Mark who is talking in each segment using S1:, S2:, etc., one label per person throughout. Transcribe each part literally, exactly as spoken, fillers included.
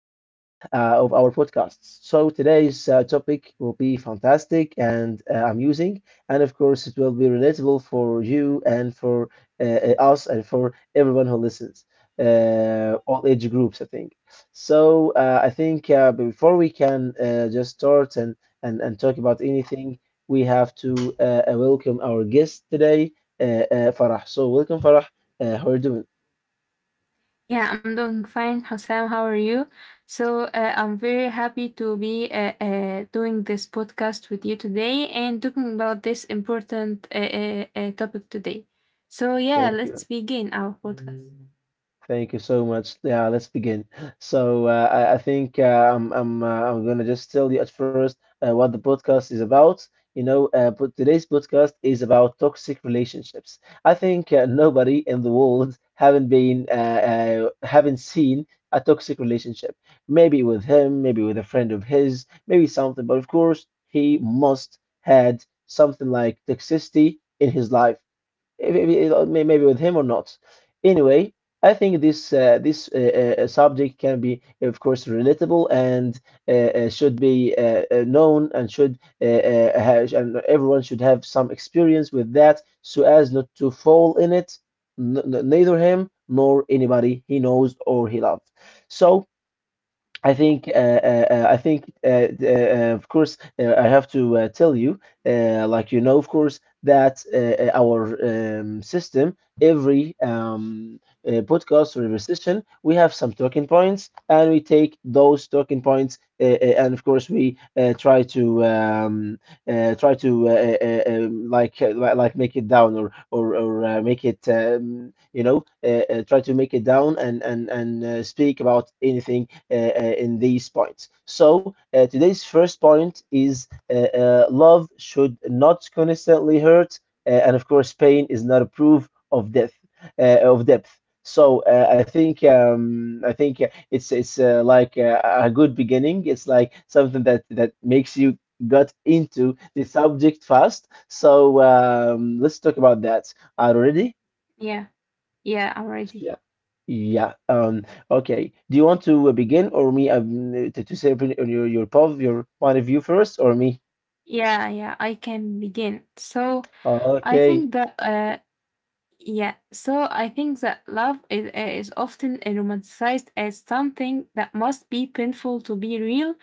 S1: uh, of our podcasts. So, today's uh, topic will be fantastic and uh, amusing, and of course, it will be relatable for you and for uh, uh, us and for everyone who listens, uh, all age groups, I think. So, uh, I think uh, before we can uh, just start and, and, and talk about anything, we have to uh, uh, welcome our guest today, uh, uh, Farah. So, welcome, Farah. Uh, how are you doing?
S2: Yeah, I'm doing fine, Hassan. How are you? So, uh, I'm very happy to be uh, uh, doing this podcast with you today and talking about this important uh, uh, uh, topic today. So, yeah,
S1: Thank
S2: let's
S1: you.
S2: begin our podcast.
S1: Thank you so much. Yeah, let's begin. So uh, I, I think uh, I'm I'm uh, I'm gonna just tell you at first uh, what the podcast is about. You know, uh, but today's podcast is about toxic relationships. I think uh, nobody in the world haven't been uh, uh, haven't seen a toxic relationship. Maybe with him, maybe with a friend of his, maybe something. But of course, he must had something like toxicity in his life eh, maybe uh, maybe with him or not. Anyway, I think this uh, this uh, uh, subject can be, of course, relatable and uh, uh, should be uh, uh, known and should uh, uh, have, and everyone should have some experience with that so as not to fall in it, n n- neither him nor anybody he knows or he loves. So. I think, uh, uh, uh, I think, uh, uh, uh, of course, uh, I have to uh, tell you, uh, like you know, of course, that uh, uh, our um, system, every um, uh, podcast or every session, we have some talking points, and we take those talking points, uh, uh, and of course, we uh, try to um, uh, try to uh, uh, um, like, uh, li- like make it down or or, or uh, make it um, you know uh, uh, try to make it down and and and uh, speak about anything uh, uh, in these points. So uh, today's first point is uh, uh, love should not constantly hurt, uh, and of course pain is not a proof of death uh, of depth. So uh, I think um, I think uh, it's it's uh, like uh, a good beginning. It's like something that that makes you got into the subject first. So um, let's talk about that. Are you ready?
S2: Yeah, yeah, I'm ready.
S1: Yeah. Yeah. Um, okay. Do you want to uh, begin or me um, to, to say opin- on your your pov your point of view first or me?
S2: Yeah, yeah, I can begin. So,
S1: Uh,
S2: I
S1: Okay.
S2: think that uh, Yeah, so I think that love is, is often romanticized as something that must be painful to be real,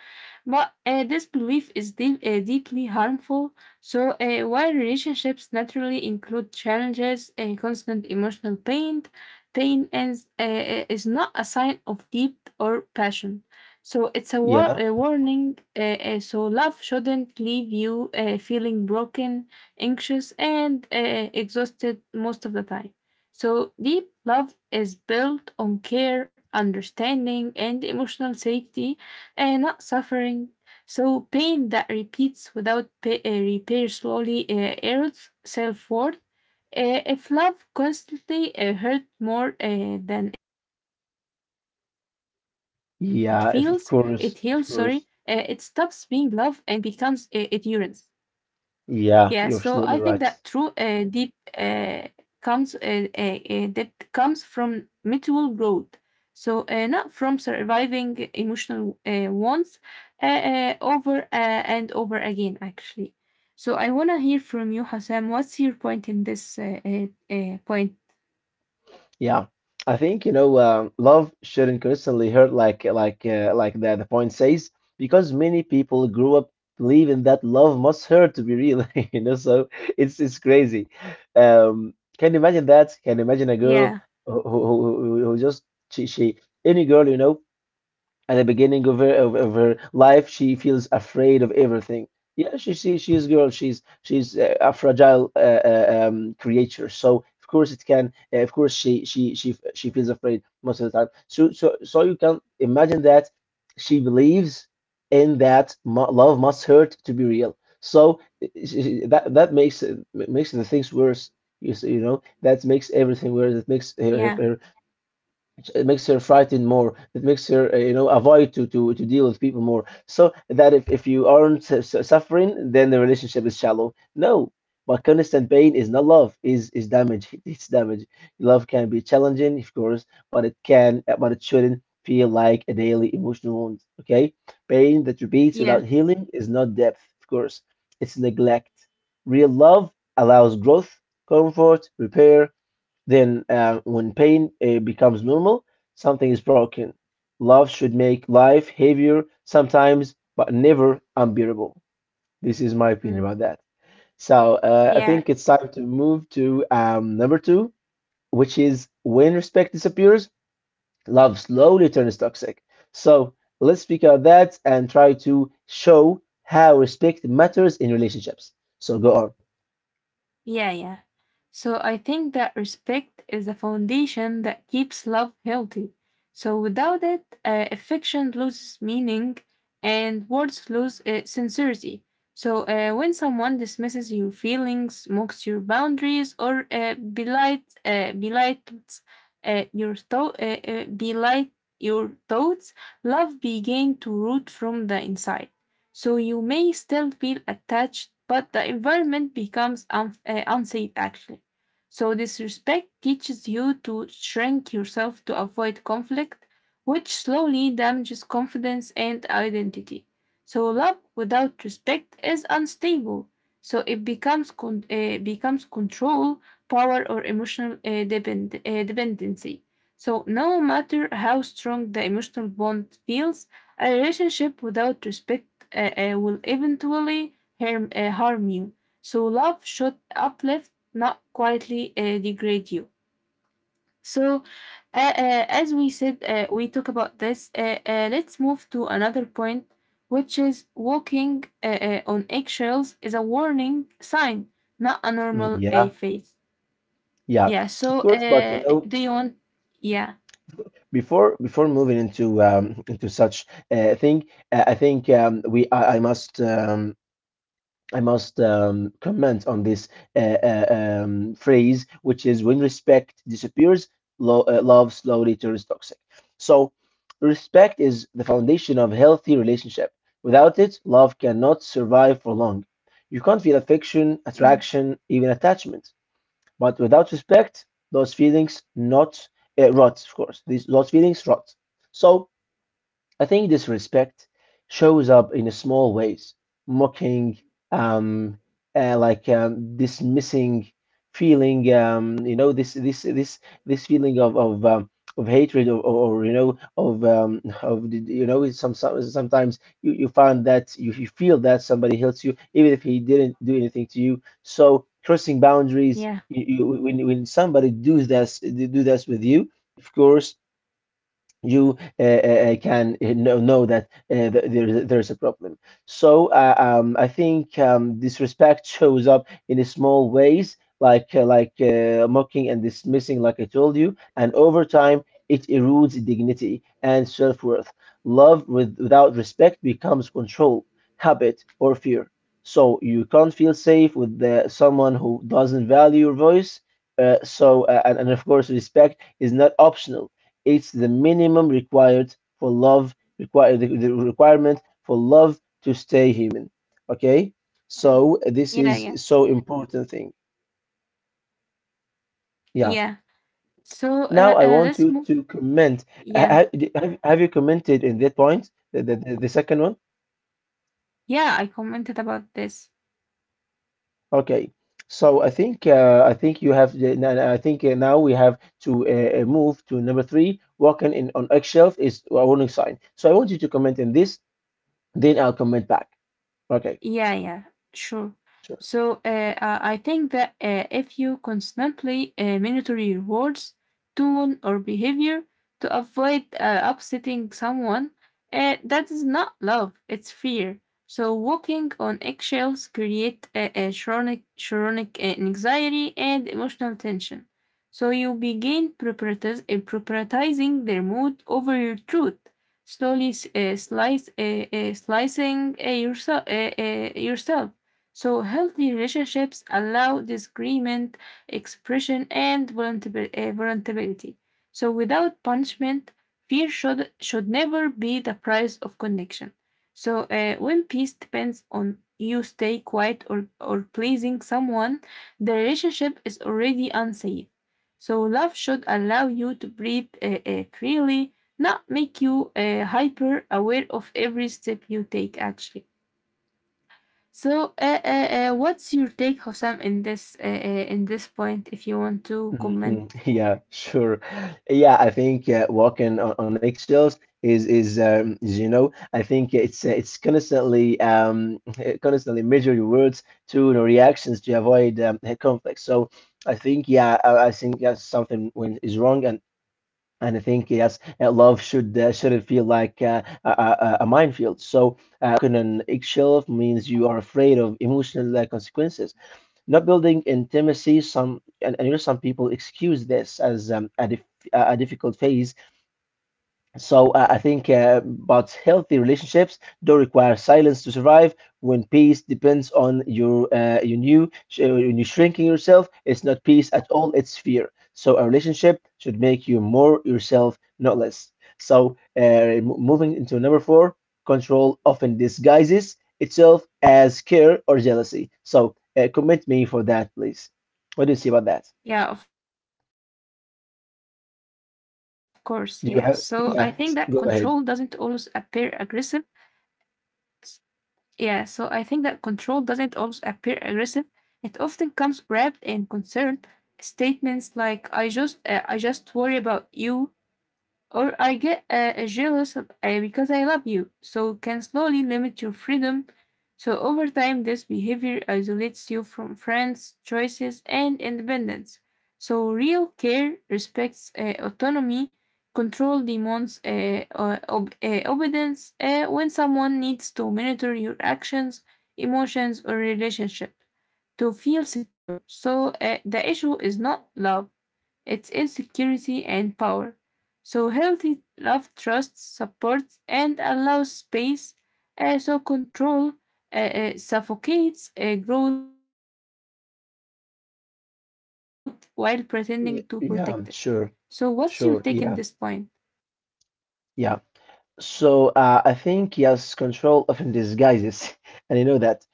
S2: but uh, this belief is deep, uh, deeply harmful. So, uh, while relationships naturally include challenges, uh, constant emotional pain, pain is, uh, is not a sign of deep or passion. So, it's a, war-
S1: Yeah.
S2: a warning. Uh, uh, so, love shouldn't leave you uh, feeling broken anxious, and uh, exhausted most of the time. So, deep love is built on care, understanding, and emotional safety, and not suffering. So, pain that repeats without pa- uh, repair slowly uh, erodes self worth. Uh, if love constantly uh, hurts more uh, than it feels, it heals, sorry, uh, it stops
S1: Yeah. If,
S2: being
S1: of
S2: love
S1: course.
S2: and
S1: Of
S2: becomes
S1: course.
S2: uh, endurance. Yeah, so I think
S1: Yeah.
S2: that
S1: You're
S2: true
S1: absolutely
S2: uh,
S1: right.
S2: deep uh, comes uh, uh, uh, depth comes from mutual growth. So uh, not from surviving emotional uh, wants uh, uh, over uh, and over again, actually. So I wanna hear from you, Hassan. What's your point in this uh, uh, uh, point?
S1: Yeah, I think you know um, love shouldn't constantly hurt like like uh, like the the point says because many people grew up believing that love must hurt to be real. You know, so it's it's crazy. Um, can you imagine that? Can you imagine a girl
S2: Yeah,
S1: who who, who, who who just she she any girl you know at the beginning of her of, of her life, she feels afraid of everything. Yeah, she she she's a girl. She's she's uh, a fragile uh, uh, um, creature. So of course it can. Uh, of course she she she she feels afraid most of the time. So so so you can imagine that she believes in that mu love must hurt to be real. So i- i- she- that that makes it- makes the things worse. You see, you know that makes everything worse. That makes her her,
S2: yeah,
S1: her it makes her frightened more. It makes her, uh, you know, avoid to, to to deal with people more. So that if, if you aren't su- su- suffering, then the relationship is shallow? No, but constant pain is not love, is is damage. It's damage. Love can be challenging, of course, but it can but it shouldn't feel like a daily emotional wound. Okay, pain that repeats
S2: yeah,
S1: without healing is not depth, of course. It's neglect. Real love allows growth, comfort, repair. Then, uh, when pain uh, becomes normal, something is broken. Love should make life heavier sometimes, but never unbearable. This is my opinion about that. So, uh, I
S2: yeah.
S1: think it's time to move to um, number two, which is when respect disappears, love slowly turns toxic. So, let's speak about that and try to show how respect matters in relationships. So, go on.
S2: Yeah, yeah. So I think that respect is the foundation that keeps love healthy. So without it, uh, affection loses meaning and words lose uh, sincerity. So uh, when someone dismisses your feelings, mocks your boundaries, or uh, belies, uh, belies uh, your thought, uh, uh, belies your thoughts, love began to root from the inside. So you may still feel attached, but the environment becomes un- uh, unsafe actually. So disrespect teaches you to shrink yourself to avoid conflict, which slowly damages confidence and identity. So love without respect is unstable. So it becomes con- uh, becomes control, power, or emotional uh, depend- uh, dependency. So no matter how strong the emotional bond feels, a relationship without respect uh, uh, will eventually harm, uh, harm you. So love should uplift, not quietly uh, degrade you. So, uh, uh, as we said, uh, we talk about this. Uh, uh, let's move to another point, which is walking uh, uh, on eggshells is a warning sign, not a
S1: Mm,
S2: normal a
S1: yeah,
S2: phase.
S1: yeah,
S2: Yeah.
S1: of
S2: So,
S1: course, but you
S2: uh,
S1: know,
S2: do you want? Yeah.
S1: before before moving into um, into such uh, thing, uh, I think um, we I, I must um, I must um, comment on this uh, uh, um, phrase, which is when respect disappears, lo uh, love slowly turns toxic. So, respect is the foundation of healthy relationship. Without it, love cannot survive for long. You can't feel affection,
S2: Mm,
S1: attraction, even attachment. But without respect, those feelings not uh, rot, of course. These those feelings rot. So I think this respect shows up in small ways, mocking, um, uh, like um, dismissing, feeling, um, you know, this this this this feeling of of um, of hatred, or, or, or, you know, of um, of the- you know, it's some, some, sometimes you, you find that you, you feel that somebody hurts you even if he didn't do anything to you. So crossing boundaries,
S2: yeah.
S1: you, you, when when somebody does this do this with you, of course you uh, uh, uh, can uh, know, know that uh, th- there, there's a problem. So uh, um, I think um, disrespect shows up in small ways, like uh, like uh, mocking and dismissing, like I told you, and over time it erodes dignity and self-worth. Love with, without respect becomes control, habit, or fear. So you can't feel safe with the, someone who doesn't value your voice. Uh, so uh, and, and of course respect is not optional, it's the minimum required for love, require the, the requirement for love to stay human. Okay,
S2: Mm,
S1: so this
S2: yeah.
S1: is
S2: Yeah.
S1: so important thing. Yeah.
S2: Yeah. So,
S1: Now
S2: uh,
S1: I
S2: uh,
S1: want
S2: let's
S1: you
S2: move.
S1: to comment. Ha-
S2: Yeah.
S1: ha- Have, have you commented in that point, the, the, the the second one?
S2: Yeah, I commented about this.
S1: Okay. So I think uh, I think you have. the- n- I think uh, now we have to uh, uh, move to number three. Walking in on eggshelf is a warning sign. So I want you to comment in this, then I'll comment back. Okay.
S2: Yeah, yeah, sure.
S1: Sure.
S2: So uh, uh, I think that uh, if you constantly uh, monitor your words, tone, or behavior to avoid uh, upsetting someone, uh, that is not love, it's fear. So walking on eggshells create a, a chronic, chronic uh, anxiety and emotional tension. So you begin prioritiz- prioritizing their mood over your truth. Slowly s- uh, slice, uh, uh, slicing uh, yourself, uh, uh, yourself. So healthy relationships allow disagreement, expression, and voluntab- uh, vulnerability. So without punishment, fear should should never be the price of connection. So uh, when peace depends on you stay quiet or, or pleasing someone, the relationship is already unsafe. So love should allow you to breathe uh, uh, freely, not make you uh, hyper aware of every step you take actually. So uh, uh, uh, what's your take, Hossam, in this uh, uh, in this point if you want to comment?
S1: Mhm. Yeah, sure. Yeah, I think uh, walking on, on eggshells is is um, is, you know, I think it's uh, it's constantly um constantly measure your words to the reactions to avoid um, a conflict. So I think yeah, I, I think that's something when is wrong, and and I think yes, uh, love should uh, shouldn't feel like uh, a, a, a minefield. So uh, walking on eggshell means you are afraid of emotional uh, consequences. Not building intimacy. Some, and, and you know some people excuse this as um, a dif- a a difficult phase. So uh, I think, uh, but healthy relationships do require silence to survive. When peace depends on your uh, your new uh, when you shrinking yourself, it's not peace at all. It's fear. So a relationship should make you more yourself, not less. So uh, m- moving into number four, control often disguises itself as care or jealousy. So uh, comment me for that, please. What do you see about that?
S2: Yeah, of course. Yeah, so I think that control doesn't always
S1: Do you
S2: appear
S1: have? Yeah,
S2: aggressive.
S1: go ahead.
S2: Yeah, so I think that control doesn't always appear aggressive, it often comes wrapped in concern. Statements like i just uh, i just worry about you, or I get uh, jealous of, uh, because I love you, so can slowly limit your freedom. So over time, this behavior isolates you from friends, choices, and independence. So real care respects uh, autonomy, control demands uh, uh, ob- uh, obedience uh, when someone needs to monitor your actions, emotions, or relationship to feel secure. So uh, the issue is not love, its insecurity and power. So healthy love trusts, supports, and allows space. Uh, so control uh, uh, suffocates uh, growth while pretending to protect it. So what's your take on this
S1: Yeah,
S2: point?
S1: yeah, sure. Sure. Yeah. Yeah. So uh, I think yes, control often disguises, and you know that.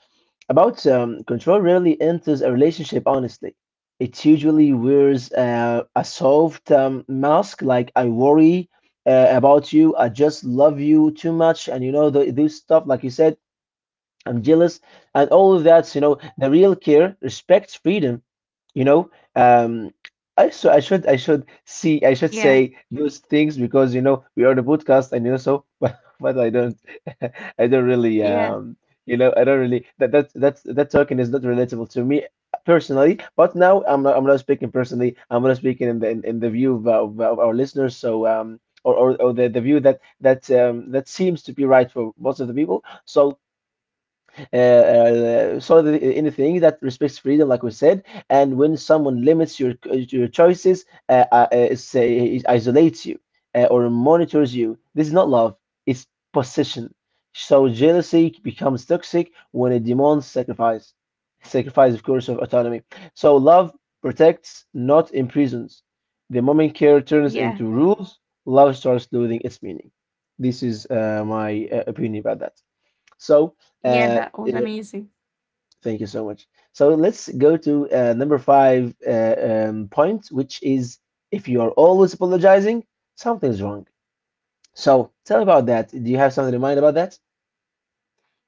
S1: About um, control rarely enters a relationship honestly. It usually wears uh, a soft um, mask, like I worry uh, about you, I just love you too much, and you know the, this stuff, like you said, I'm jealous, and all of that. You know, the real care respects freedom, you know. Um, I so I should I should see I should
S2: Yeah,
S1: say those things because you know we are the podcast and you know so but, but I don't I don't really
S2: yeah,
S1: um you know I don't really that that that's that talking is not relatable to me personally, but now I'm not, I'm not speaking personally, I'm not speaking in the in, in the view of, of, of our listeners, so um or, or, or the, the view that that um, that seems to be right for most of the people. So uh, uh, so the, anything that respects freedom, like we said, and when someone limits your your choices, uh, uh, uh, say isolates you uh, or monitors you, this is not love. It's possession. So jealousy becomes toxic when it demands sacrifice. Sacrifice, of course, of autonomy. So love protects, not imprisons. The moment care turns
S2: yeah,
S1: into rules, love starts losing its meaning. This is uh, my uh, opinion about that. So,
S2: yeah.
S1: uh,
S2: That
S1: uh,
S2: was amazing.
S1: thank you so much. So let's go to uh, number five uh, um, point, which is if you are always apologizing, something's wrong. So tell me about that. Do you have something in mind about that?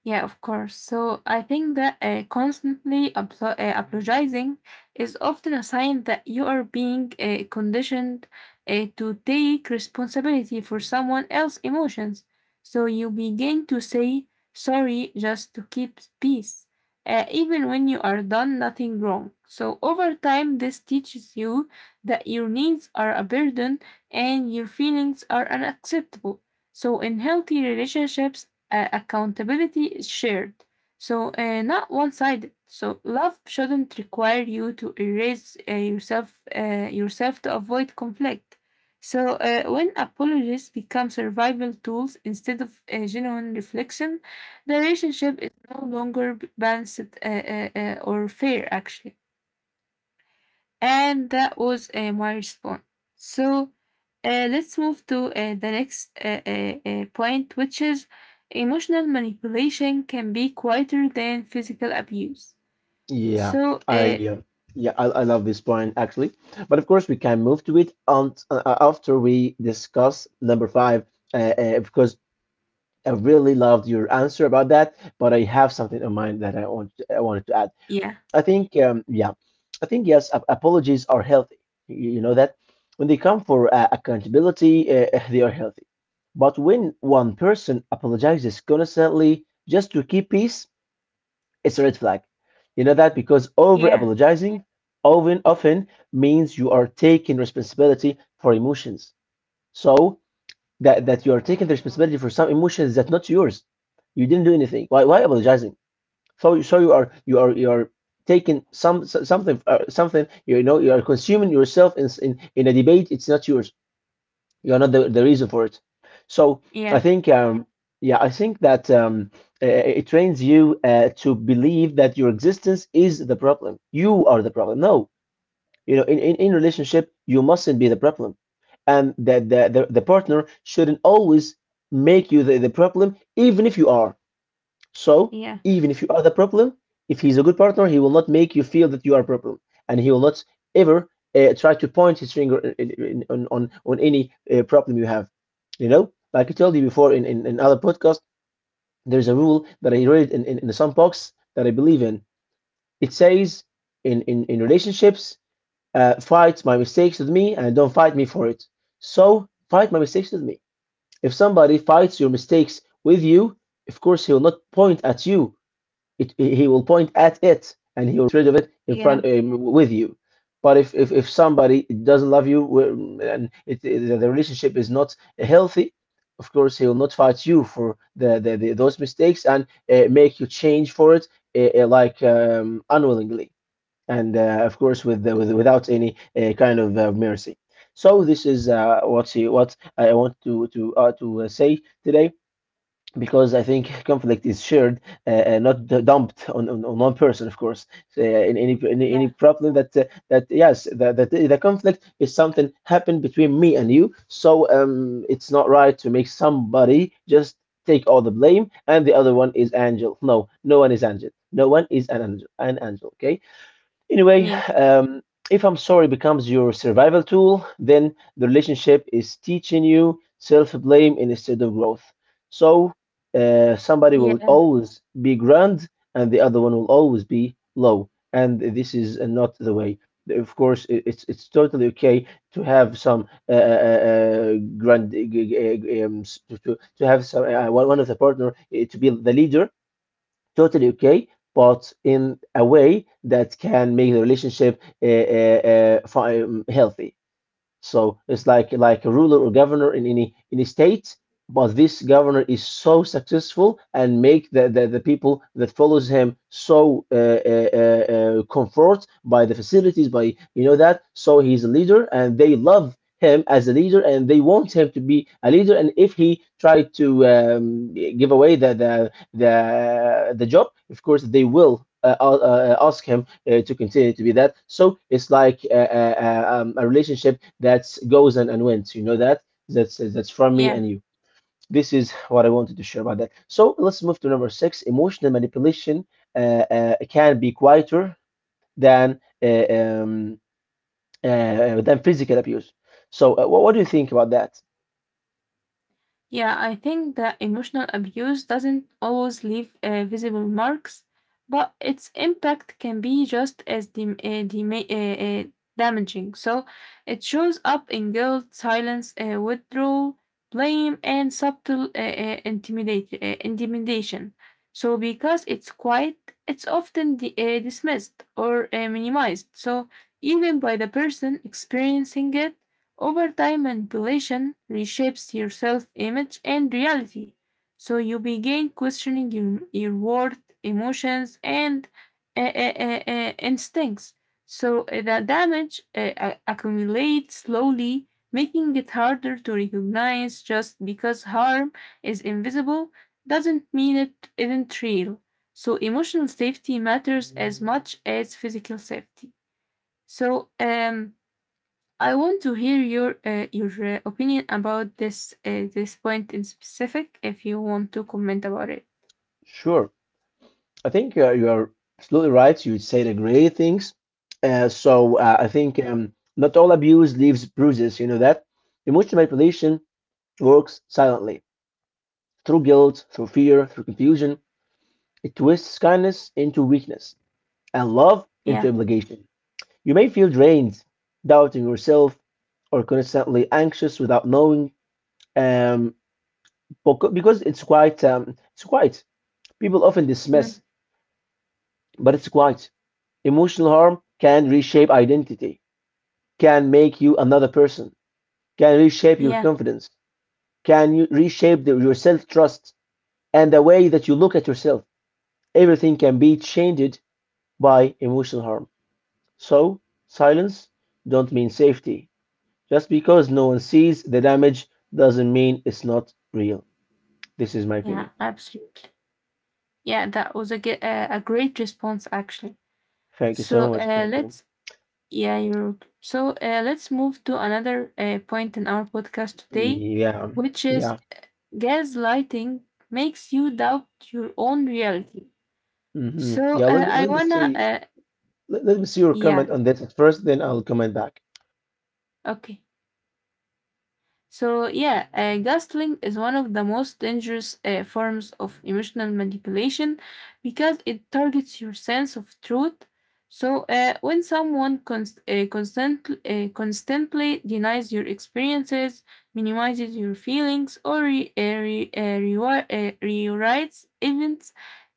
S2: Yeah, of course. So I think that uh, constantly aplo- uh, apologizing is often a sign that you are being uh, conditioned uh, to take responsibility for someone else's emotions. So you begin to say sorry just to keep peace, uh, even when you are done nothing wrong. So over time, this teaches you that your needs are a burden and your feelings are unacceptable. So in healthy relationships, uh, accountability is shared, so uh, not one sided. So love shouldn't require you to erase uh, yourself uh, yourself to avoid conflict. So uh, when apologies become survival tools instead of uh, genuine reflection, the relationship is no longer balanced uh, uh, uh, or fair. Actually, and that was uh, my response. So uh, let's move to uh, the next uh, uh, uh, point, which is emotional manipulation can be quieter than physical abuse.
S1: Yeah,
S2: So,
S1: I
S2: uh,
S1: uh, yeah, I, I love this point actually. But of course, we can move to it on, uh, after we discuss number five, uh, uh, because I really loved your answer about that. But I have something in mind that I want I wanted to add.
S2: yeah,
S1: I think, um, yeah, I think yes. Ap- apologies are healthy. You you know that when they come for uh, accountability, uh, they are healthy. But when one person apologizes constantly just to keep peace, it's a red flag. You know that, because over
S2: yeah,
S1: apologizing often often means you are taking responsibility for emotions. So that that you are taking the responsibility for some emotions that not yours. You didn't do anything. Why why apologizing? So so you are you are you are taking some s- something uh, something, you know, you are consuming yourself in s- in in a debate. It's not yours. You are not the, the reason for it. So I
S2: yeah,
S1: think um yeah I think that um uh, it trains you uh, to believe that your existence is the problem. You are the problem. No, you know in in, in relationship you mustn't be the problem, and that the, the the partner shouldn't always make you the, the problem even if you are. So
S2: yeah,
S1: even if you are the problem, if he's a good partner, he will not make you feel that you are a problem, and he will not ever uh, try to point his finger in, in, on on on any uh, problem you have. You know, like I told you before in in, in other podcast, there's a rule that I read in in, in the sandbox that I believe in. It says in in in relationships, uh, fight my mistakes with me, and don't fight me for it. So fight my mistakes with me. If somebody fights your mistakes with you, of course he will not point at you it, he will point at it and he will get rid of it in
S2: yeah,
S1: front um, with you. But if, if, if somebody doesn't love you um, and it, it- the relationship is not healthy, of course he will not fight you for the, the, the those mistakes and uh, make you change for it uh, uh, like um, unwillingly and uh, of course with, the, with without any uh, kind of uh, mercy. So this is uh, what he, what I want to to uh, to uh, say today, because I think conflict is shared, uh, uh, not d- dumped on, on, on one person, of course. So, uh, in any in any problem that uh, that yes, that, that the conflict is something happened between me and you. So um, it's not right to make somebody just take all the blame and the other one is angel. No, no one is angel. No one is an angel. An angel. Okay. Anyway,
S2: yeah,
S1: um, if I'm sorry becomes your survival tool, then the relationship is teaching you self blame instead of growth. So uh, somebody will
S2: yeah,
S1: always be grand and the other one will always be low. And this is uh, not the way. Of course, i- it's it's totally okay to have some uh, uh, uh, uh, grand uh, um, s- to, to to have some uh, one one of the partner uh, to be the leader, totally okay, but in a way that can make the relationship uh, uh, uh, fi- um, healthy. So it's like like a ruler or governor in any any state, but this governor is so successful and make the, the, the people that follows him so uh, uh, uh, uh, comfort by the facilities by you know that, so he's a leader and they love him as a leader and they want him to be a leader, and if he tried to um, give away the, the the the job, of course they will uh, uh, uh, ask him uh, to continue to be that. So it's like a, a, um, a relationship that goes and, and wins. You know that that's that's from me and
S2: yeah.
S1: you. This is what I wanted to share about that. So let's move to number six. Emotional manipulation uh, uh, can be quieter than uh, um, uh, than physical abuse. So uh, what, what do you think about that?
S2: Yeah, I think that emotional abuse doesn't always leave uh, visible marks, but its impact can be just as dem- uh, dema- uh, uh, damaging. So it shows up in guilt, silence, uh, withdrawal, blame, and subtle uh, uh, intimidate, uh, intimidation. So because it's quiet, it's often di- uh, dismissed or uh, minimized. So even by the person experiencing it, over time, manipulation reshapes your self image and reality, so you begin questioning your, your worth, emotions, and uh, uh, uh, uh, instincts. So uh, the damage uh, a- accumulates slowly, making it harder to recognize. Just because harm is invisible doesn't mean it isn't real. So emotional safety matters as much as physical safety. So, um, I want to hear your uh, your uh, opinion about this uh, this point in specific. If you want to comment about it,
S1: Sure. I think uh, you are absolutely right. You say the great things. Uh, so uh, I think um, not all abuse leaves bruises. You know that emotional manipulation works silently through guilt, through fear, through confusion. It twists kindness into weakness and love into
S2: yeah.
S1: obligation. You may feel drained, doubting yourself, or constantly anxious without knowing. Um, beca- because it's quite, um, it's quite. People often dismiss,
S2: Mm,
S1: but it's quite. Emotional harm can reshape identity, can make you another person, can reshape your
S2: yeah,
S1: confidence, can you reshape the, your self-trust and the way that you look at yourself. Everything can be changed by emotional harm. So, silence don't mean safety. Just because no one sees the damage doesn't mean it's not real. This is my
S2: yeah,
S1: opinion.
S2: absolutely. Yeah, that was a ge- uh, a great response actually.
S1: Thank you
S2: So
S1: so much.
S2: uh,
S1: Thank you.
S2: let's yeah, you so uh, let's move to another uh, point in our podcast today,
S1: Yeah,
S2: which is
S1: yeah,
S2: gaslighting makes you doubt your own reality.
S1: hmm.
S2: So uh,
S1: Yeah. Let me
S2: I
S1: let me
S2: wanna
S1: see,
S2: uh,
S1: let, let me see your comment
S2: Yeah,
S1: on this at first, then I'll comment back.
S2: okay. So, yeah, uh, gaslighting is one of the most dangerous uh, forms of emotional manipulation because it targets your sense of truth. So uh, when someone const- uh, constant- uh, constantly denies your experiences, minimizes your feelings, or re- uh, re- uh, rewi- uh, rewrites events,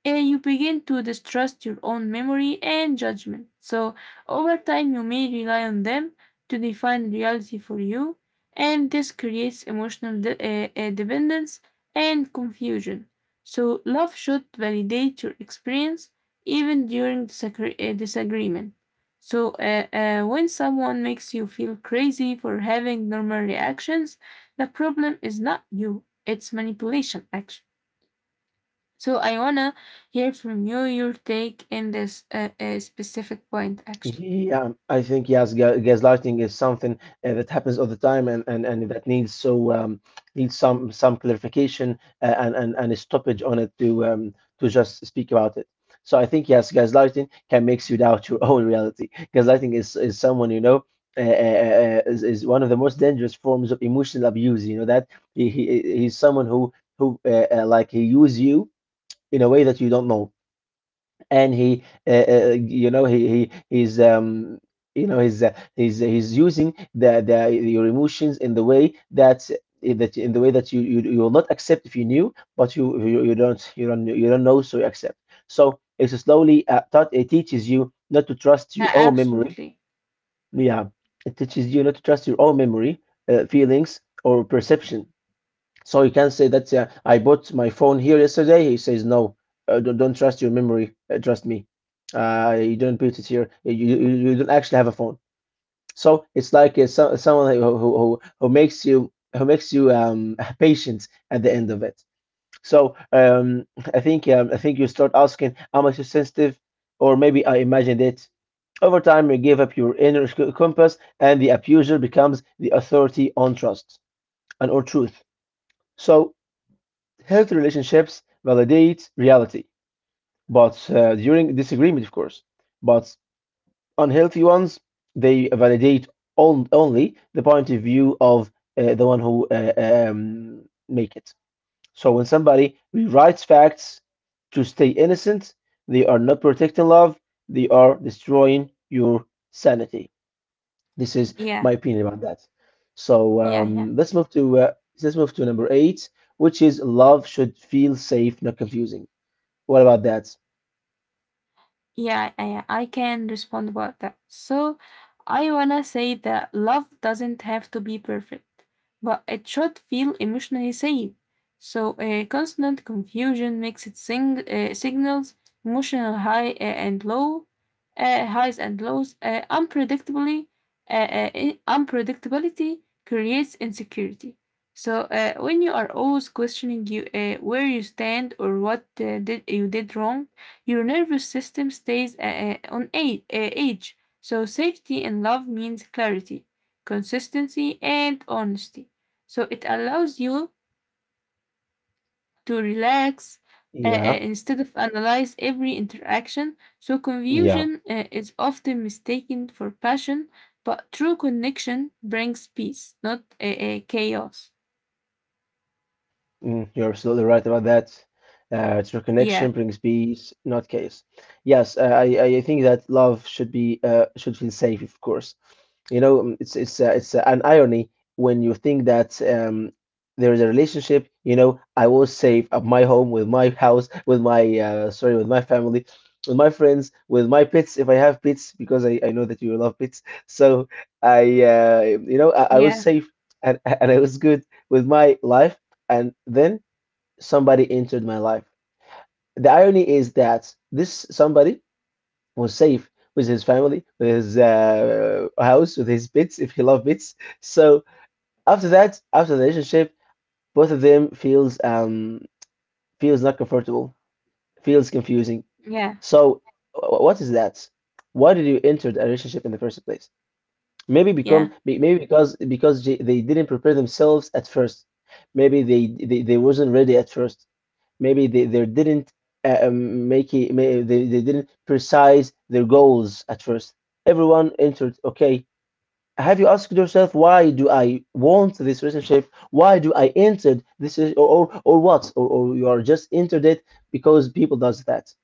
S2: uh, you begin to distrust your own memory and judgment. So over time, you may rely on them to define reality for you, and this creates emotional de- uh, uh, dependence and confusion. So, love should validate your experience even during disagre- uh, disagreement. So, uh, uh, when someone makes you feel crazy for having normal reactions, the problem is not you, it's manipulation, actually. So, I wanna hear from you your take in this uh, uh, specific point, actually.
S1: Yeah, I think yes, ga- gaslighting is something uh, that happens all the time, and, and, and that needs so um, needs some some clarification uh, and, and and a stoppage on it to um, to just speak about it. So I think yes, gaslighting can makes you doubt your own reality. Gaslighting is is someone you know uh, uh, uh, is is one of the most dangerous forms of emotional abuse. You know that he, he he's someone who who uh, uh, like he use you in a way that you don't know, and he uh, uh, you know he he he's um you know he's uh, he's he's using the the your emotions in the way that eh, that in the way that you, you you will not accept if you knew, but you you, you don't you don't you don't know, so you accept. So it's slowly uh, taught it teaches you not to trust your
S2: Yeah,
S1: own memory.
S2: absolutely.
S1: Yeah, it teaches you not to trust your own memory, uh, feelings or perception. So you can say that uh, I bought my phone here yesterday. He says no, uh, don't, don't trust your memory. Uh, trust me. Uh, you don't put it here. You, you you don't actually have a phone. So it's like uh, so, someone who, who who makes you who makes you um patient at the end of it. So um I think um, I think you start asking am I too sensitive, or maybe I imagined it. Over time, you give up your inner c- compass, and the abuser becomes the authority on trust and or truth. So healthy relationships validate reality, but uh, during disagreement, of course. But unhealthy ones, they validate on, only the point of view of uh, the one who uh, um, make it. So when somebody rewrites facts to stay innocent, they are not protecting love, they are destroying your sanity. This is
S2: Yeah,
S1: my opinion about that. So
S2: yeah, yeah.
S1: um, let's move to uh, let's move to number eight, which is love should feel safe, not confusing. What about that?
S2: Yeah, I, I can respond about that. So, I wanna say that love doesn't have to be perfect, but it should feel emotionally safe. So, uh, constant confusion makes it sing- uh, signals emotional high uh, and low, uh, highs and lows. Uh, unpredictably, uh, uh, i- unpredictability creates insecurity. So, uh, when you are always questioning you uh, where you stand or what uh, did you did wrong, your nervous system stays uh, uh, on age, uh, edge. So safety in love means clarity, consistency, and honesty. So it allows you to relax uh, uh,
S1: Yeah,
S2: instead of analyze every interaction. So
S1: yeah.
S2: confusion uh, is often mistaken for passion, but true connection brings peace, not uh, uh, chaos.
S1: Mm, you're absolutely right about that. Uh, true connection
S2: Yeah,
S1: brings peace, not chaos. Yes, uh, I I I think that love should be uh, should feel safe, of course. You know, um, it's it's uh, it's uh, an irony when you think that um, there is a relationship. You know, I was safe at my home with my house, with my uh, sorry, with my family, with my friends, with my pets if I have pets, because I I know that you love pets. So I uh, you know I, I was
S2: yeah,
S1: safe and and I was good with my life, and then somebody entered my life. The irony is that this somebody was safe with his family, with his uh, house, with his pets, if he loved pets. So after that, after the relationship, both of them feels um feels not comfortable, feels confusing.
S2: yeah,
S1: So wh- what is that? Why did you enter a relationship in the first place? Maybe
S2: yeah,
S1: become may- maybe because because they they didn't prepare themselves at first. Maybe they they, they wasn't ready at first. Maybe they, they didn't uh, um, make it, may, they, they didn't precise their goals at first. Everyone entered, okay. Have you asked yourself why do I want this relationship? Why do I entered this or or, or what? Or, or you are just entered it because people does that.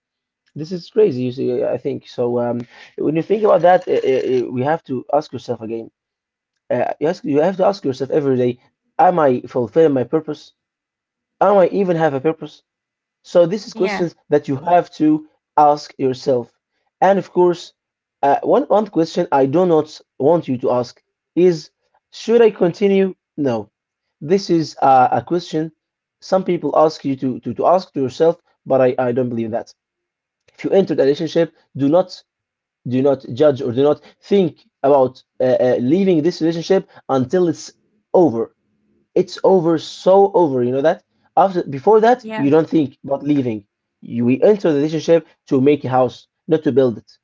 S1: This is crazy, you see, I think. So um, when you think about that, uh, uh, uh, we have to ask yourself again. Uh, you ask, you have to ask yourself every day, am I fulfilling my purpose? Am I even have a purpose? So this is questions
S2: yeah,
S1: that you have to ask yourself. And of course, uh, one one question I do not want you to ask is, should I continue? No. This is a, a question some people ask you to, to, to ask to yourself, but I, I don't believe in that. If you entered a relationship, do not do not judge or do not think about uh, uh, leaving this relationship until it's over, it's over, so over. You know that after before that,
S2: yeah,
S1: you don't think about leaving. You we enter the relationship to make a house, not to build it.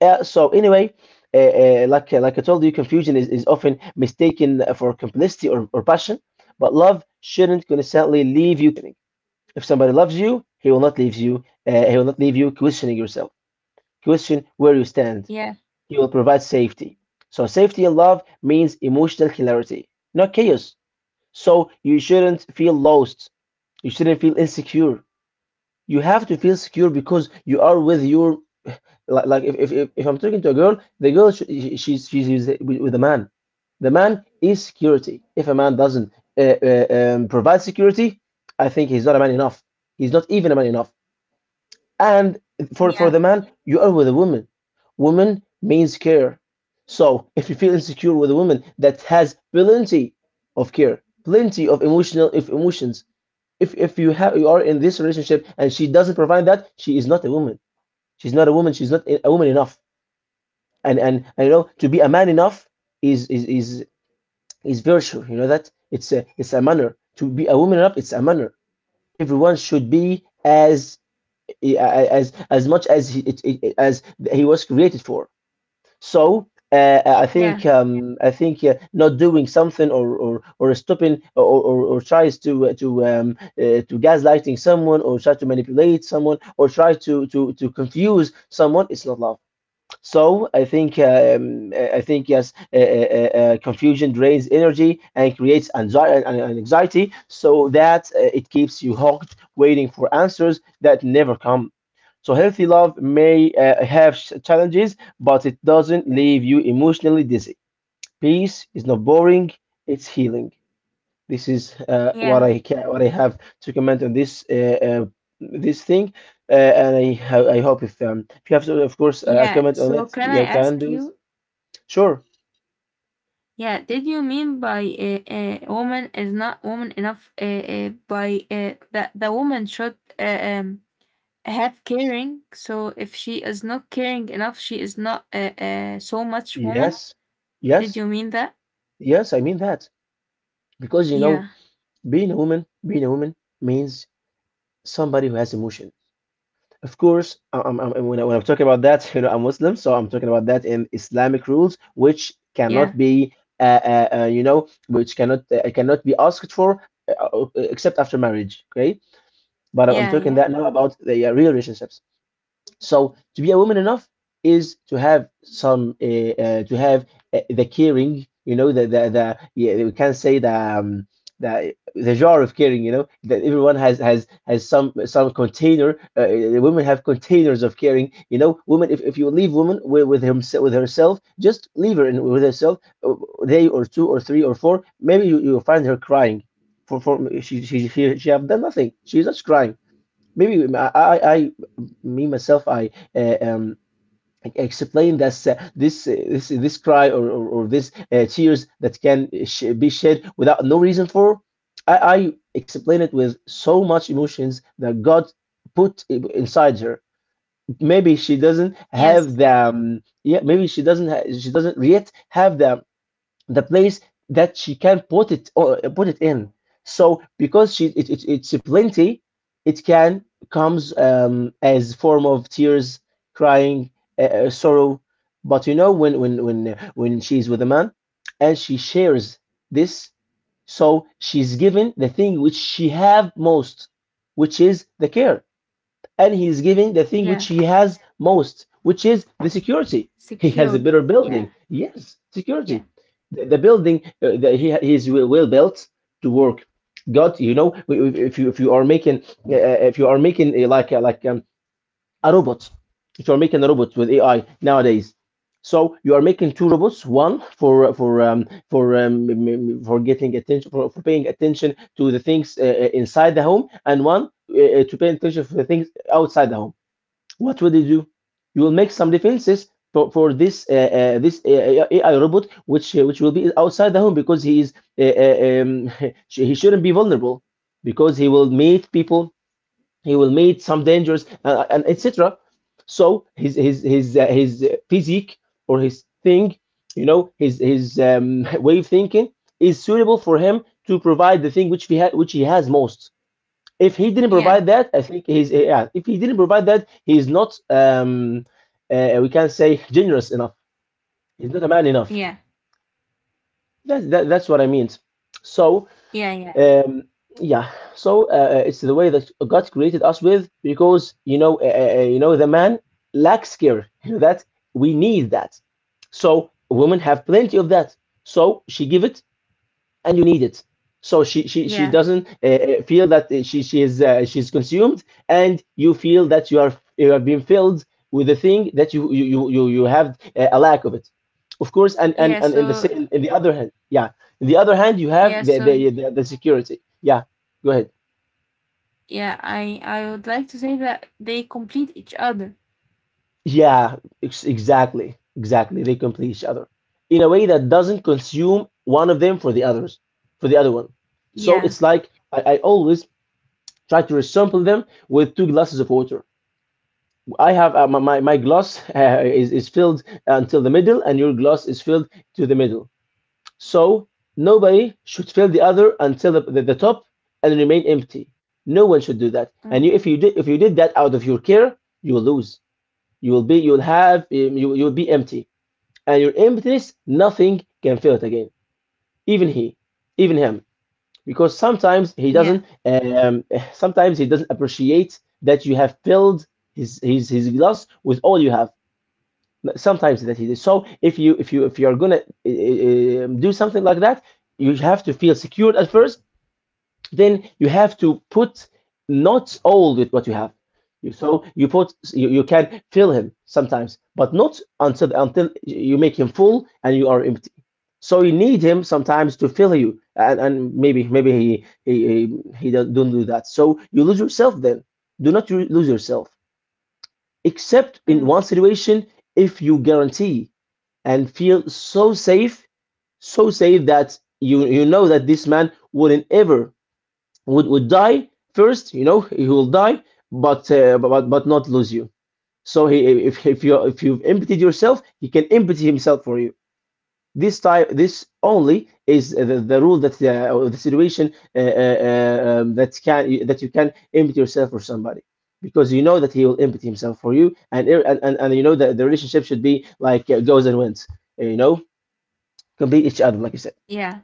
S1: Uh, so anyway, uh, uh, like uh, like I told you, confusion is, is often mistaken for complicity or, or passion. But love shouldn't consistently leave you questioning. If somebody loves you, he will not leave you. Uh, he will not leave you questioning yourself. Question where you stand.
S2: yeah,
S1: He will provide safety. So safety in love means emotional clarity, not chaos. So you shouldn't feel lost. You shouldn't feel insecure. You have to feel secure because you are with your like, like if, if if if I'm talking to a girl, the girl sh- she- she's she's with with a man. The man is security. If a man doesn't uh, uh, um, provide security, I think he's not a man enough. He's not even a man enough. And for for
S2: yeah,
S1: the man, you are with a woman. Woman means care. So if you feel insecure with a woman that has plenty of care, plenty of emotional of emotions, if if you have you are in this relationship and she doesn't provide that, she is not a woman. She's not a woman. She's not a woman enough. And and, and you know, to be a man enough is is is is virtue. You know that it's a it's a manner to be a woman enough. It's a manner. Everyone should be as as as much as he as he was created for. So uh, uh, I think
S2: yeah,
S1: um, I think uh, not doing something or or, or stopping or, or, or tries to uh, to um, uh, to gaslighting someone or try to manipulate someone or try to to to confuse someone. It's not love. So I think um, uh, I think yes, uh, uh, uh, uh, confusion drains energy and creates anxiety and anxiety, so that uh, it keeps you hooked, waiting for answers that never come. So healthy love may uh, have sh- challenges, but it doesn't leave you emotionally dizzy. Peace is not boring; it's healing. This is uh, what
S2: yeah.
S1: I ca- what I have to comment on this uh, uh, this thing, uh, and I ho- I hope if um if you have to, of course, uh, a
S2: Yeah,
S1: comment on
S2: so
S1: it,
S2: can I
S1: I can
S2: ask
S1: do it.
S2: you?
S1: Sure.
S2: Yeah, did you mean by a a woman is not woman enough? Uh, uh, by uh, that the woman should uh, um, have caring. So if she is not caring enough, she is not uh, uh, so much woman.
S1: Yes.
S2: Did
S1: Yes.
S2: you mean that?
S1: Yes, I mean that, because you know,
S2: Yeah,
S1: being a woman being a woman means somebody who has emotions. Of course, I- I'm, I'm, when, I, when I'm talking about that, you know, I'm Muslim, so I'm talking about that in Islamic rules, which cannot
S2: yeah,
S1: be, uh, uh, uh, you know, which cannot uh, cannot be asked for uh, uh, except after marriage. Okay, but I'm, I'm
S2: yeah,
S1: talking
S2: yeah.
S1: that now about the uh, real relationships. So to be a woman enough is to have some uh, uh, to have uh, the caring, you know, the the, the yeah, we can say the um, the the jar of caring, you know, that everyone has has has some some container. Uh, uh, women have containers of caring, you know. Women, if, if you leave woman with with, himself, with herself, just leave her in, with herself a day or two or three or four. Maybe you you find her crying. For, for she, she she she have done nothing. She's just crying. Maybe I, I, I me myself, I uh, um, explain that this, uh, this, uh, this, this cry or or, or this uh, tears that can sh be shed without no reason for. I, I explain it with so much emotions that God put i- inside her. Maybe she doesn't
S2: Yes,
S1: have the um, yeah. Maybe she doesn't ha she doesn't yet have the the place that she can put it or uh, put it in. So because she it, it, it's plenty, it can comes um, as form of tears, crying, uh, uh, sorrow. But you know when when when when she's with a man, and she shares this, so she's given the thing which she have most, which is the care, and he is giving the thing which
S2: yeah.
S1: he has most, which is the security. He has a
S2: Secure.
S1: better building.
S2: Yeah,
S1: Yes, security.
S2: yeah,
S1: The, the building uh, that he, he is well well built to work. God, you know, if you if you are making uh, uh, if you are making uh, like uh, like um, a robot. If you're making a robot with A I nowadays, so you are making two robots, one for for um, for um, for getting attention for, for paying attention to the things uh, uh, inside the home, and one uh, uh, to pay attention for the things outside the home. What will you do? You will make some defenses for for this uh, uh, this uh, A I robot, which uh, which will be outside the home because he is uh, uh, um, he shouldn't be vulnerable because he will meet people, he will meet some dangers, uh, uh, and etc. So his his his uh, his uh, physique or his thing, you know, his his um, way of thinking is suitable for him to provide the thing which he ha- which he has most. If he didn't
S2: yeah,
S1: provide that, I think he's uh, yeah, if he didn't provide that, he is not um uh, we can say generous enough, he's not a man enough.
S2: yeah,
S1: that's that, that's what I mean. So
S2: yeah, yeah,
S1: um, yeah, so uh, uh, it's the way that God created us with, because you know, uh, uh, uh, you know, the man lacks care. You know that we need that. So women have plenty of that. So she give it and you need it. So she she she
S2: yeah,
S1: doesn't uh, uh, feel that uh, she she is uh, she's consumed, and you feel that you are you have been filled with the thing that you you you you you have uh, a lack of it. Of course, and and
S2: yeah.
S1: and in the sa-
S2: So
S1: in the other hand, yeah, in the other hand, you
S2: yeah,
S1: have the the
S2: so
S1: the, the security. Yeah, go ahead.
S2: yeah, I I would like to say that they complete each other.
S1: Yeah, ex- exactly, exactly. They complete each other in a way that doesn't consume one of them for the others for the other one. So
S2: Yeah.
S1: it's like I, I always try to resample them with two glasses of water. I have uh, my, my my glass uh, is, is filled until the middle, and your glass is filled to the middle. So nobody should fill the other until the, the, the top and remain empty. No one should do that.
S2: Mm.
S1: And you, if you did if you did that out of your care, you will lose. You will be, you will have um, you you will be empty, and your emptiness nothing can fill it again. Even he, even him, because sometimes he
S2: Yeah.
S1: doesn't um, sometimes he doesn't appreciate that you have filled his, his his glass with all you have. Sometimes that he does. So if you if you if you're gonna uh, do something like that, you have to feel secured at first, then you have to put not all with what you have. So you put you, you can fill him sometimes, but not until until you make him full and you are empty. So you need him sometimes to fill you, and, and maybe maybe he he he does not do that. So you lose yourself then. Do not lose yourself, except
S2: Mm.
S1: in one situation, if you guarantee and feel so safe, so safe that you you know that this man wouldn't ever would would die first. You know, he will die, but uh, but but not lose you. So he if if you if you've emptied yourself, he can empty himself for you. This type, this only is the, the rule that uh, or the situation uh, uh, uh, um, that can that you can empty yourself for somebody, because you know that he will empty himself for you, and and and, and you know that the relationship should be like uh, goes and wins. You know, complete each other, like you said.
S2: Yeah.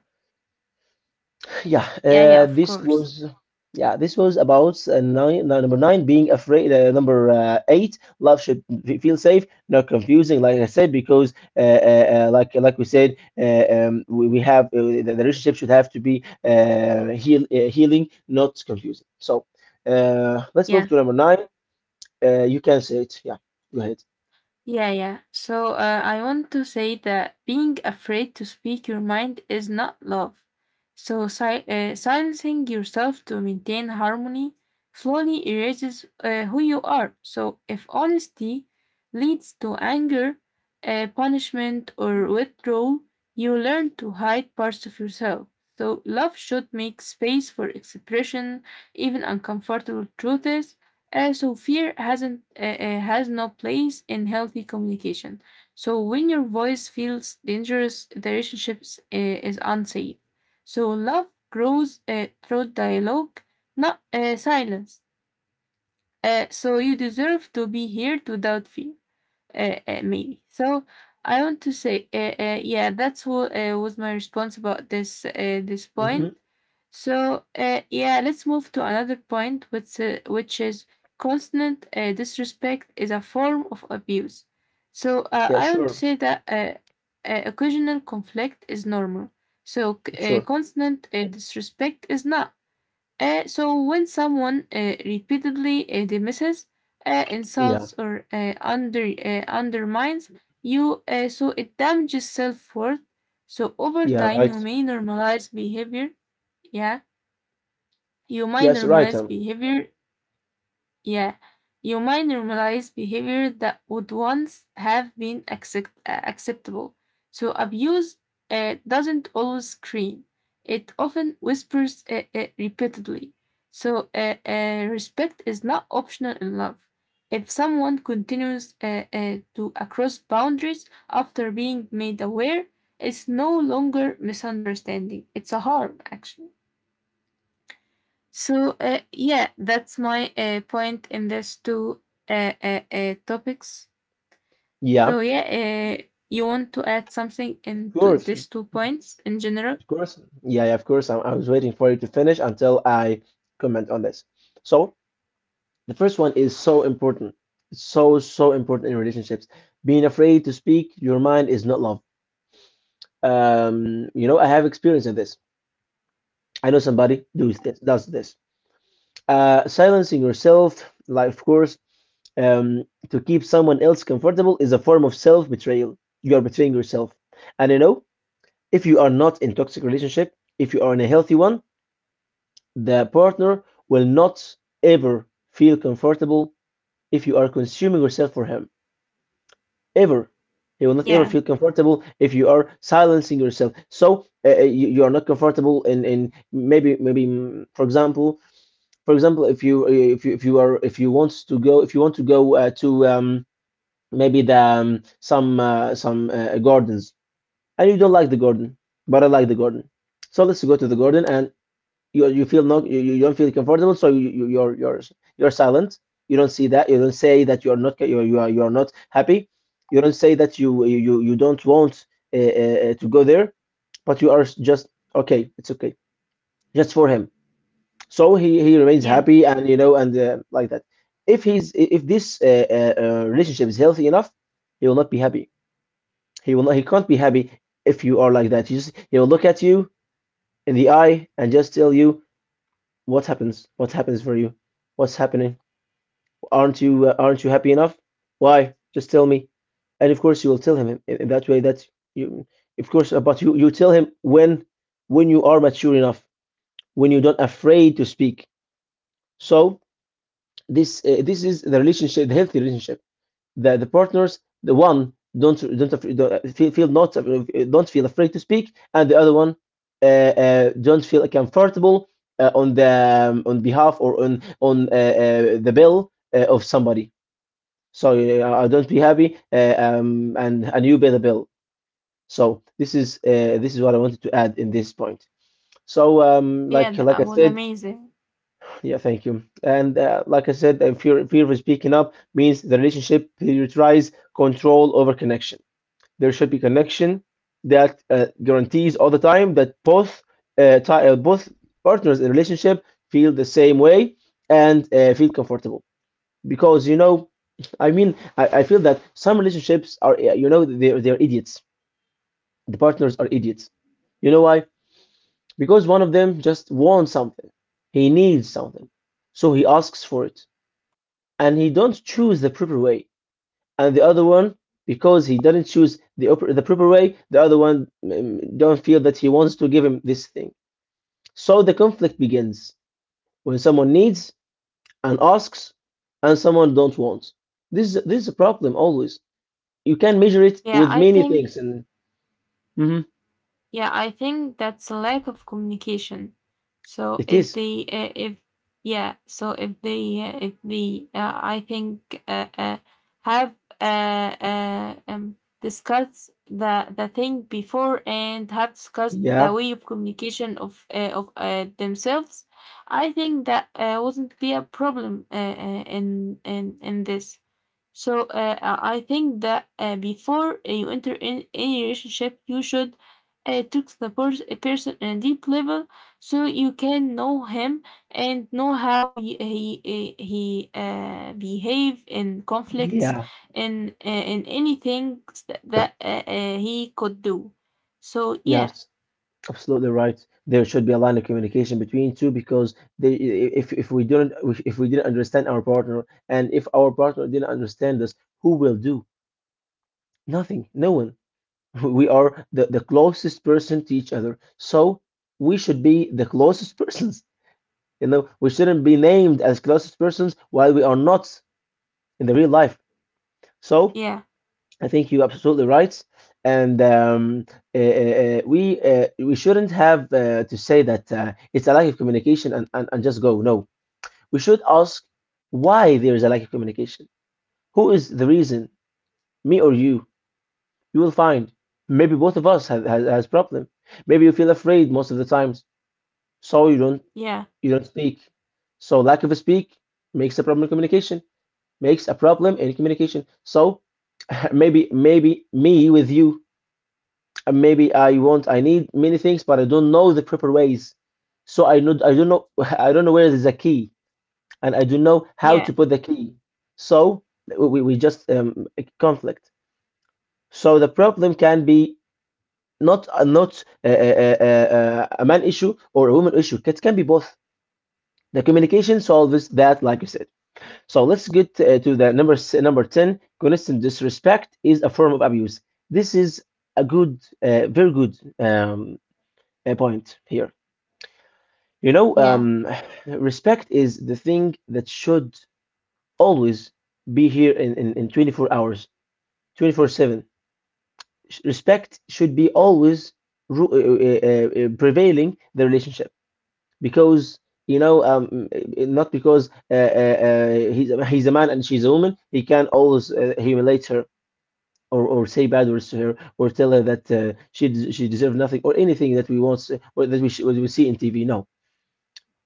S1: Yeah,
S2: Yeah. Yeah.
S1: uh,
S2: Of
S1: this
S2: course.
S1: was yeah, this was about uh, nine, nine, number nine, being afraid. Uh, number uh, eight, love should f- feel safe, not confusing. Like I said, because uh, uh, uh, like like we said, uh, um, we, we have uh, the, the relationship should have to be uh, heal, uh, healing, not confusing. So uh, let's move to number nine. Uh, you can say it. Yeah, go ahead.
S2: Yeah, yeah. So uh, I want to say that being afraid to speak your mind is not love. So si- uh, silencing yourself to maintain harmony slowly erases uh, who you are. So if honesty leads to anger, uh, punishment, or withdrawal, you learn to hide parts of yourself. So love should make space for expression, even uncomfortable truths, uh, so fear hasn't uh, uh, has no place in healthy communication. So when your voice feels dangerous, the relationship uh, is unsafe. So love grows uh, through dialogue, not uh, silence. Uh, so you deserve to be here without fear uh, uh, maybe. So I want to say, uh, uh, yeah, that's what uh, was my response about this uh, this point.
S1: hmm
S2: So uh, yeah, let's move to another point, which uh, which is constant uh, disrespect is a form of abuse. So uh,
S1: Yeah,
S2: I want
S1: sure,
S2: to say that uh, uh, occasional conflict is normal. So c- uh,
S1: sure.
S2: constant uh, disrespect is not. Uh, so when someone uh, repeatedly uh, dismisses, uh,
S1: Yeah,
S2: insults, or uh, under uh, undermines you, uh, so it damages self worth. So over
S1: yeah,
S2: time, you
S1: right.
S2: may normalize behavior. Yeah, you might
S1: Yes, right.
S2: normalize
S1: Um,
S2: behavior. Yeah, you might normalize behavior that would once have been accept- uh, acceptable. So abuse uh, doesn't always scream; it often whispers uh, uh, repeatedly. So uh, uh, respect is not optional in love. If someone continues uh, uh, to cross boundaries after being made aware, it's no longer misunderstanding. It's a harm, actually. So uh, yeah, that's my uh, point in these two uh, uh, uh, topics.
S1: yeah.
S2: So yeah, uh, you want to add something
S1: Of
S2: into
S1: course, of
S2: these two points in general?
S1: course. Yeah, yeah, of course. I, I was waiting for you to finish until I comment on this. So, the first one is so important. It's so, so important in relationships. Being afraid to speak your mind is not love. Um, you know, I have experience in this. I know somebody does this, does this. Uh, silencing yourself, like, of course, um, to keep someone else comfortable is a form of self-betrayal. You are betraying yourself. And you know, if you are not in toxic relationship, if you are in a healthy one, the partner will not ever feel comfortable if you are consuming yourself for him. Ever. He will not ever
S2: Yeah,
S1: feel comfortable if you are silencing yourself. So uh, uh, you, you are not comfortable in, in maybe maybe mm, for example, for example if you uh, if you if you are if you want to go if you want to go uh, to um, maybe the um, some uh, some uh, gardens, and you don't like the garden, but I like the garden, so let's go to the garden, and you you feel not you, you don't feel comfortable. So you, you you're you're you're silent. You don't see that you don't say that you're not you're, you are you are not happy. You don't say that you you you don't want uh, uh, to go there, but you are just, "Okay, it's okay," just for him, so he he remains
S2: yeah.
S1: happy, and you know, and uh, like that. If he's if this uh, uh, uh, relationship is healthy enough, he will not be happy, he will not he can't be happy. If you are like that, you just, he will look at you in the eye and just tell you, "What happens? What happens for you? What's happening? Aren't you uh, aren't you happy enough? Why? Just tell me." And of course, you will tell him in, in that way that you, of course, uh, but you you tell him when when you are mature enough, when you're not afraid to speak. So this uh, this is the relationship, the healthy relationship. the, the partners, the one don't don't, don't feel, feel not uh, don't feel afraid to speak, and the other one uh, uh, don't feel comfortable uh, on the um, on behalf, or on on uh, uh, the bill uh, of somebody. So uh, I don't be happy uh, um, and and you pay the bill. So this is uh, this is what I wanted to add in this point. So um,
S2: Yeah,
S1: like like I
S2: that was
S1: said.
S2: amazing.
S1: Yeah, thank you. And uh, like I said, uh, fear fear of speaking up means the relationship prioritize control over connection. There should be connection that uh, guarantees all the time that both uh, uh, both partners in relationship feel the same way and uh, feel comfortable. Because you know, I mean, I, I feel that some relationships are, uh, you know they're, they're idiots. The partners are idiots. You know why? Because one of them just wants something, he needs something, so he asks for it, and he don't choose the proper way. And the other one, because he didn't choose the the proper way, the other one, mm, don't feel that he wants to give him this thing. So the conflict begins when someone needs and asks, and someone don't want. This is this is a problem always. You can measure it
S2: Yeah,
S1: with
S2: I
S1: many
S2: think
S1: things, and Mhm.
S2: Yeah, I think that's a lack of communication. So
S1: It
S2: if
S1: is.
S2: they, uh, if yeah, so if they, uh, if they, uh, I think, uh, uh, have uh, uh, um, discussed the the thing before and have discussed the
S1: Yeah,
S2: way of communication of uh, of uh, themselves. I think that uh, wouldn't be a problem uh, uh, in in in this. So uh, I I think that uh, before uh, you enter in any relationship, you should uh, talk to the pers- a person on a deep level, so you can know him and know how he uh, he, uh, he uh, behave in conflicts
S1: yeah,
S2: and uh, in anything that, that uh, uh, he could do. So yeah,
S1: yes, absolutely right. There should be a line of communication between two, because they, i- if, if we didn't, if we didn't understand our partner, and if our partner didn't understand us, who will do? Nothing. No one. We are the, the closest person to each other. So we should be the closest persons. You know, we shouldn't be named as closest persons while we are not in the real life. So
S2: yeah,
S1: I think you're absolutely right. And um, uh, uh, we, uh, we shouldn't have uh, to say that uh, it's a lack of communication and, and, and just go. No, we should ask why there is a lack of communication. Who is the reason? Me or you? You will find maybe both of us have has, has problem. Maybe you feel afraid most of the times, so you don't,
S2: yeah,
S1: you don't speak. So lack of a speak makes a problem in communication, makes a problem in communication. So maybe, maybe me with you, and maybe I want, I need many things, but I don't know the proper ways. So i know I don't know, I don't know where there's a key, and I don't know how to
S2: yeah,
S1: put the key. So we, we just um, conflict. So the problem can be not uh, not uh, uh, uh, uh, a man issue or a woman issue. It can be both. The communication solves that, like you said. So let's get uh, to the number, s- number ten. Constant disrespect is a form of abuse. This is a good, uh, very good um, uh, point here. You know,
S2: yeah,
S1: um, respect is the thing that should always be here in, in, in twenty-four hours, twenty-four seven. Respect should be always ru- uh, uh, uh, prevailing the relationship. Because you know, um not because uh, uh, uh, he's a- he's a man and she's a woman, he can always uh, humiliate her, or, or say bad words to her, or tell her that uh, she des- she deserves nothing, or anything that we want or that we sh- we see in T V. No,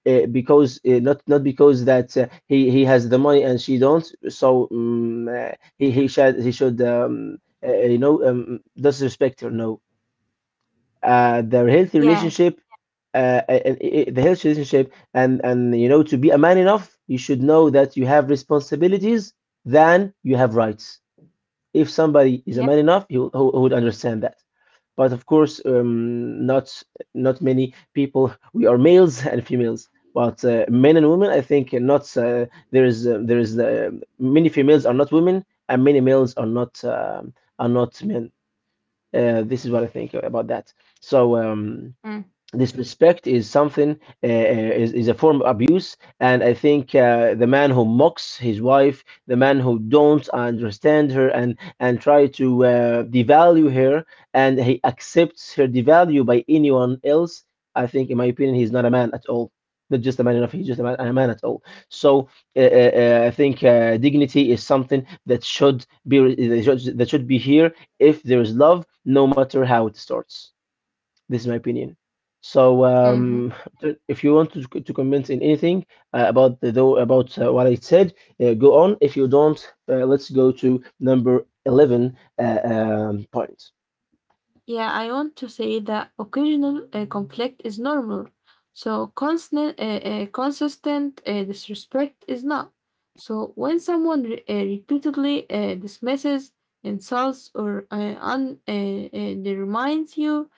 S1: uh, because uh, not, not because that uh, he he has the money and she don't. So um, uh, he he should, he should um, uh, you know, um, disrespect her. No, uh, their healthy
S2: yeah,
S1: relationship, uh, and i- the healthy relationship. and and you know, to be a man enough, you should know that you have responsibilities than you have rights. If somebody is a
S2: yeah.
S1: man enough, he, will, he would understand that. But of course, um, not, not many people. We are males and females, but uh, men and women, I think not uh, there is uh, there is, uh, many females are not women, and many males are not, um, are not men. Uh, this is what I think about that. So, um disrespect is something, uh, uh, is, is a form of abuse. And I think, uh, the man who mocks his wife, the man who don't understand her, and and try to uh, devalue her, and he accepts her devalue by anyone else, I think in my opinion he's not a man at all. Not just a man enough, he's just a man, a man at all. So uh, uh, uh, I think, uh, dignity is something that should be, that should that should be here if there is love, no matter how it starts. This is my opinion. So,
S2: Mm-hmm.
S1: um, t- if you want to, to comment in anything uh, about the though about uh, what I said, uh, go on. If you don't, uh, let's go to number eleven uh, um, point.
S2: Yeah, I want to say that occasional uh, conflict is normal. So constant, uh, uh, consistent uh, disrespect is not. So when someone re- uh, repeatedly uh, dismisses, insults, or uh, un- uh, uh, demands you,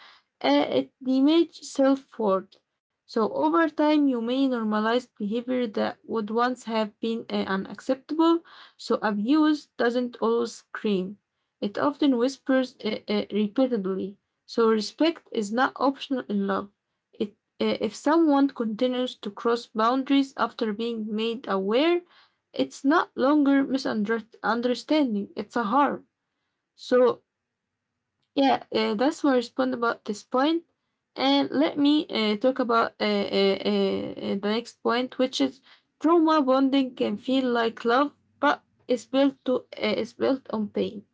S2: uh, it damages self worth. So, over time, you may normalize behavior that would once have been uh, unacceptable. So, abuse doesn't always scream, it often whispers uh, uh, repeatedly. So, respect is not optional in love. It, uh, if someone continues to cross boundaries after being made aware, it's not longer misunderstanding, it's a harm. So, yeah, uh, that's my respond about this point. And let me uh, talk about uh, uh, uh, uh, the next point, which is trauma bonding can feel like love, but it's built to uh, it's built on pain.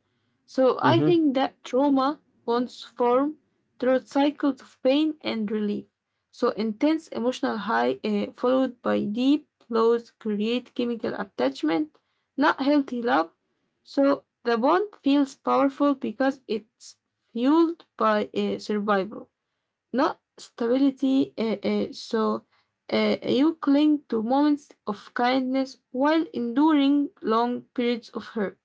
S2: So I
S1: Mm-hmm.
S2: think that trauma once formed through cycles of pain and relief. So intense emotional high uh, followed by deep lows create chemical attachment, not healthy love. So the bond feels powerful because it's fueled by uh, survival, not stability. Uh, uh, so uh, you cling to moments of kindness while enduring long periods of hurt.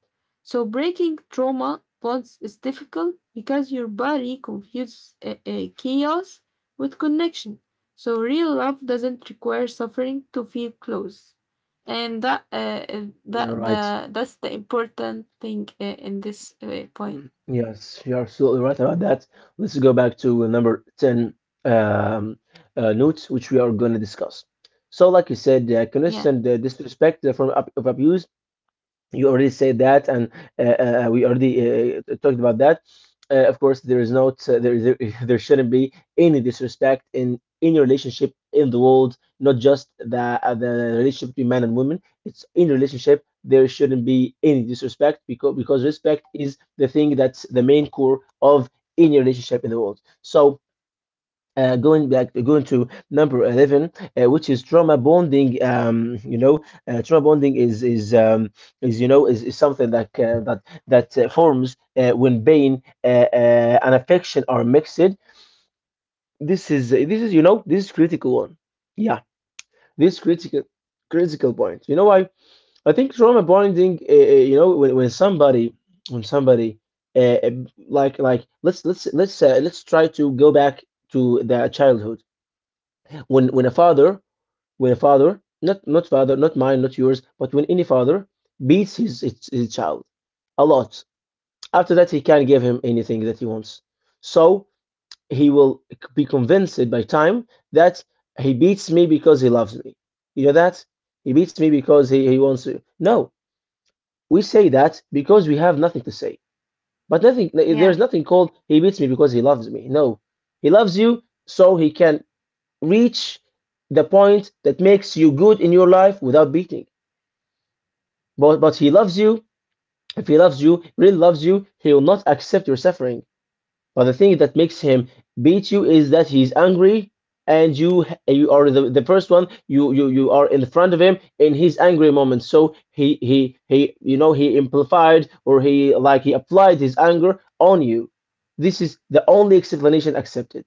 S2: So breaking trauma bonds is difficult because your body confuses uh, uh, chaos with connection. So real love doesn't require suffering to feel close, and that uh, uh, that
S1: All right.
S2: the that's the important thing uh, in this uh, point.
S1: Mm, yes, you're absolutely right about that. Let's go back to number ten um, uh, notes, which we are going to discuss. So, like you said, uh,
S2: Yeah,
S1: constant uh, disrespect from ab- of abuse you already said that and uh, uh, uh, we already uh, uh, talked about that, uh, of course there is not uh, there, there there shouldn't be any disrespect in any relationship in the world, not just the uh, the relationship between man and woman. It's in relationship there shouldn't be any disrespect, because because respect is the thing that's the main core of any relationship in the world. So uh, going back going to number eleven, uh, which is trauma bonding. Um, you know, uh, trauma bonding is is um, is, you know, is, is something that uh, that that uh, forms uh, when pain uh, uh, and affection are mixed. This is this is you know, this is critical one, yeah. This critical, critical point, you know why? I think trauma bonding, uh, uh, you know, when, when somebody, when somebody uh, uh, like like let's let's let's uh, let's try to go back to their childhood. When, when a father, when a father, not not father not mine, not yours, but when any father beats his his, his child a lot, after that he can not give him anything that he wants. So he will be convinced by time that he beats me because he loves me. You know that he beats me because he, he wants to. No, we say that because we have nothing to say. But nothing, there's
S2: yeah,
S1: nothing called he beats me because he loves me. No, he loves you, so he can reach the point that makes you good in your life without beating. But but he loves you. If he loves you, really loves you, he will not accept your suffering. But the thing that makes him beat you is that he's angry, and you you are the, the first one. You, you, you are in the front of him in his angry moment, so he he he, you know, he amplified, or he, like, he applied his anger on you. This is the only explanation accepted.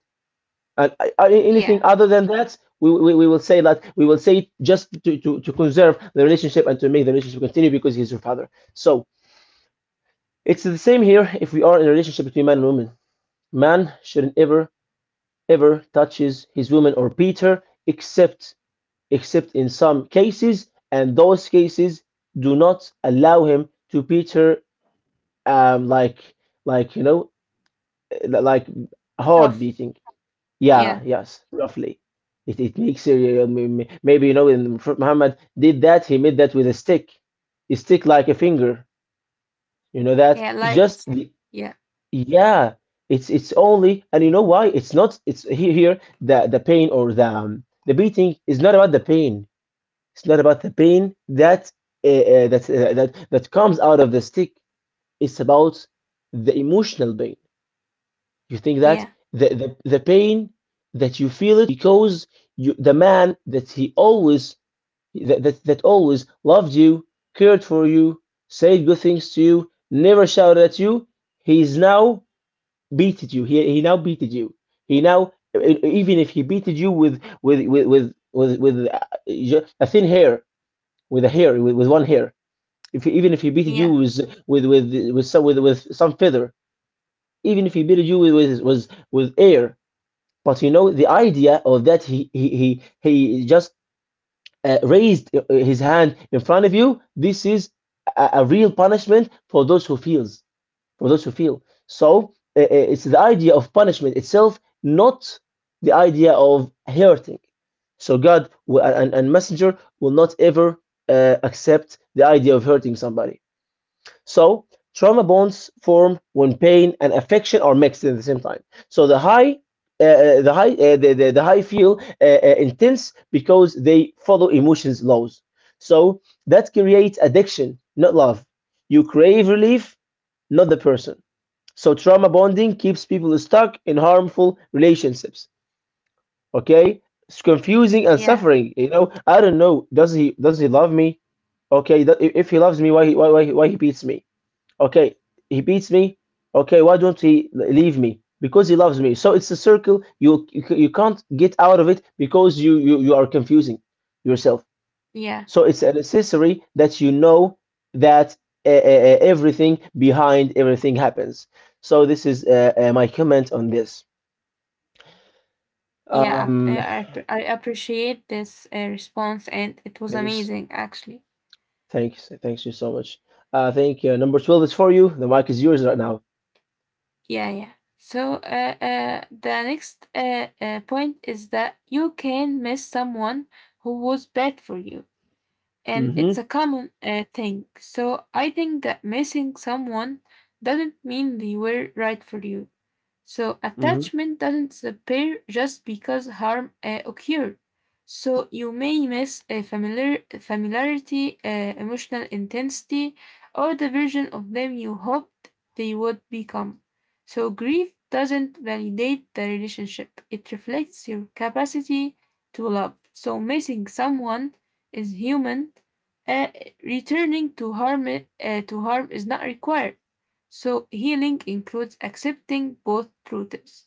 S1: And I- I- anything
S2: yeah.
S1: other than that, we, we, we will say that, we will say just to, to, to conserve the relationship and to make the relationship continue because he's your father. So it's the same here, if we are in a relationship between man and woman. Man shouldn't ever, ever touch his, his woman or beat her, except except in some cases, and those cases do not allow him to beat her. Um like, like you know like hard
S2: Tough.
S1: beating. Yeah,
S2: Yeah.
S1: yes, roughly. It it makes it, uh, may- may- maybe, you know, when Prophet Muhammad did that, he made that with a stick, a stick like a finger. You know that?
S2: Yeah,
S1: It's just
S2: lights. Yeah,
S1: yeah, it's it's only. And you know why? It's not. It's he- here the the pain, or the um, the beating is not about the pain. It's not about the pain that uh, uh, that uh, that that comes out of the stick. It's about the emotional pain. You think that
S2: yeah,
S1: the, the, the pain that you feel it because you, the man that he always that, that, that always loved you, cared for you, said good things to you, never shouted at you, he is now beated you. He, he now beated you. He now e- even if he beated you with with with with with, with uh, a thin hair, with a hair, with, with one hair. If he, even if he beated you
S2: yeah,
S1: with with with with some with, with some feather, even if he beated you with with, with, with air, but you know, the idea of that he he he, he just uh, raised uh, his hand in front of you. This is a, a real punishment for those who feels, for those who feel. So uh, uh, it's the idea of punishment itself, not the idea of hurting. So God w- and, and messenger will not ever uh, accept the idea of hurting somebody. So trauma bonds form when pain and affection are mixed at the same time. So the high uh, uh, the high uh, the, the, the high feel uh, uh, intense because they follow emotions laws. So that creates addiction, not love. You crave relief, not the person. So trauma bonding keeps people stuck in harmful relationships. Okay, it's confusing and
S2: yeah,
S1: suffering. You know, I don't know. Does he, does he love me? Okay, that, if if he loves me, why he why, why, why he beats me? Okay, he beats me. Okay, why don't he leave me? Because he loves me. So it's a circle. You you, you can't get out of it because you, you you are confusing yourself.
S2: yeah,
S1: So it's a necessary that you know that uh, uh, uh, everything behind everything happens. So this is uh, uh, my comment on this.
S2: yeah. I, I,
S1: Um,
S2: app- I appreciate this uh, response, and it was
S1: thanks,
S2: amazing, actually.
S1: thanks, thanks you so much. I think uh, number twelve is for you. The mic is yours right now.
S2: Yeah, yeah. So, uh, uh, the next uh, uh, point is that you can miss someone who was bad for you, and it's a
S1: Mm-hmm.
S2: common uh, thing. So, I think that missing someone doesn't mean they were right for you. So
S1: Mm-hmm.
S2: attachment doesn't disappear just because harm uh, occurred. So you may miss a familiar, familiarity, uh, emotional intensity, or the version of them you hoped they would become. So grief doesn't validate the relationship. It reflects your capacity to love. So missing someone is human. Uh, Returning to harm, uh, to harm is not required. So, healing includes accepting both truths.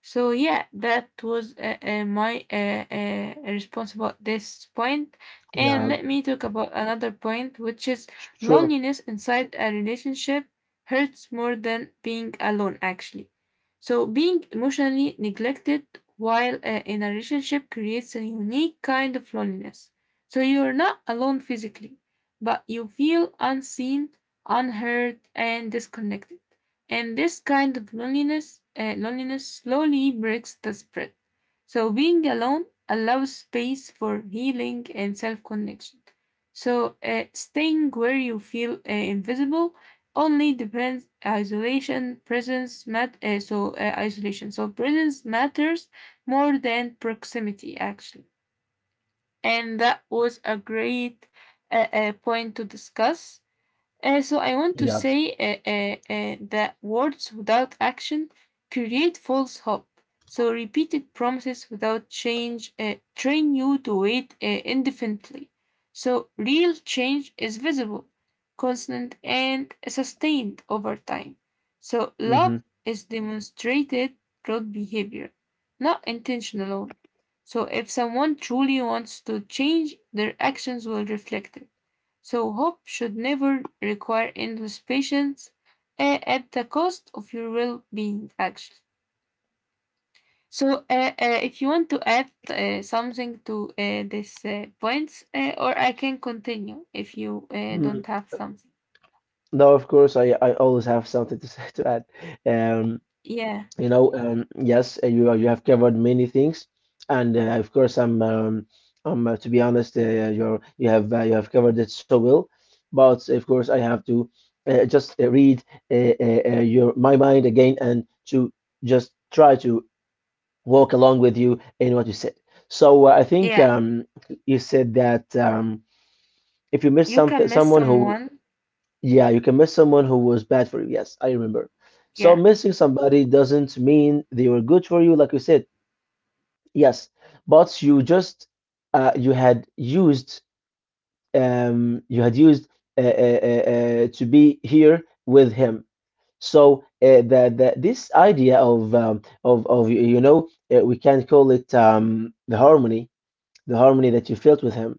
S2: So yeah, that was uh, uh, my uh, uh, response about this point. And
S1: Yeah,
S2: let me talk about another point, which is
S1: sure.
S2: loneliness inside a relationship hurts more than being alone, actually. So being emotionally neglected while uh, in a relationship creates a unique kind of loneliness. So you're not alone physically, but you feel unseen, unheard, and disconnected. And this kind of loneliness, uh, loneliness slowly breaks the spread. So being alone allows space for healing and self-connection. So uh, staying where you feel uh, invisible only depends isolation, presence mat- uh, so uh, isolation, so presence matters more than proximity, actually. And that was a great uh, uh, point to discuss. Uh, so I want to
S1: Yeah.
S2: say uh, uh, uh, that words without action create false hope. So repeated promises without change uh, train you to wait uh, indefinitely. So real change is visible, constant, and sustained over time. So love
S1: Mm-hmm.
S2: is demonstrated through behavior, not intention alone. So if someone truly wants to change, their actions will reflect it. So hope should never require endless patience uh, at the cost of your well-being, actually. So uh, uh, if you want to add uh, something to uh, this uh, points, uh, or I can continue if you uh,
S1: Mm-hmm.
S2: don't have something.
S1: No, of course, I I always have something to say to add. Um,
S2: Yeah,
S1: you know, um, yes, uh, you you have covered many things, and uh, of course, I'm um, I'm, uh, to be honest, uh, you're you have uh, you have covered it so well, but of course, I have to uh, just uh, read uh, uh, uh, your my mind again and to just try to walk along with you in what you said. So uh, I think
S2: yeah.
S1: um, you said that um, if you miss
S2: You
S1: something,
S2: can miss
S1: someone who,
S2: someone.
S1: yeah, you can miss someone who was bad for you. Yes, I remember. So
S2: Yeah,
S1: missing somebody doesn't mean they were good for you, like you said. Yes, but you just uh, you had used um, you had used uh, uh, uh, uh, to be here with him. So uh, the, the this idea of um, of of you know, uh, we can call it, um, the harmony, the harmony that you felt with him,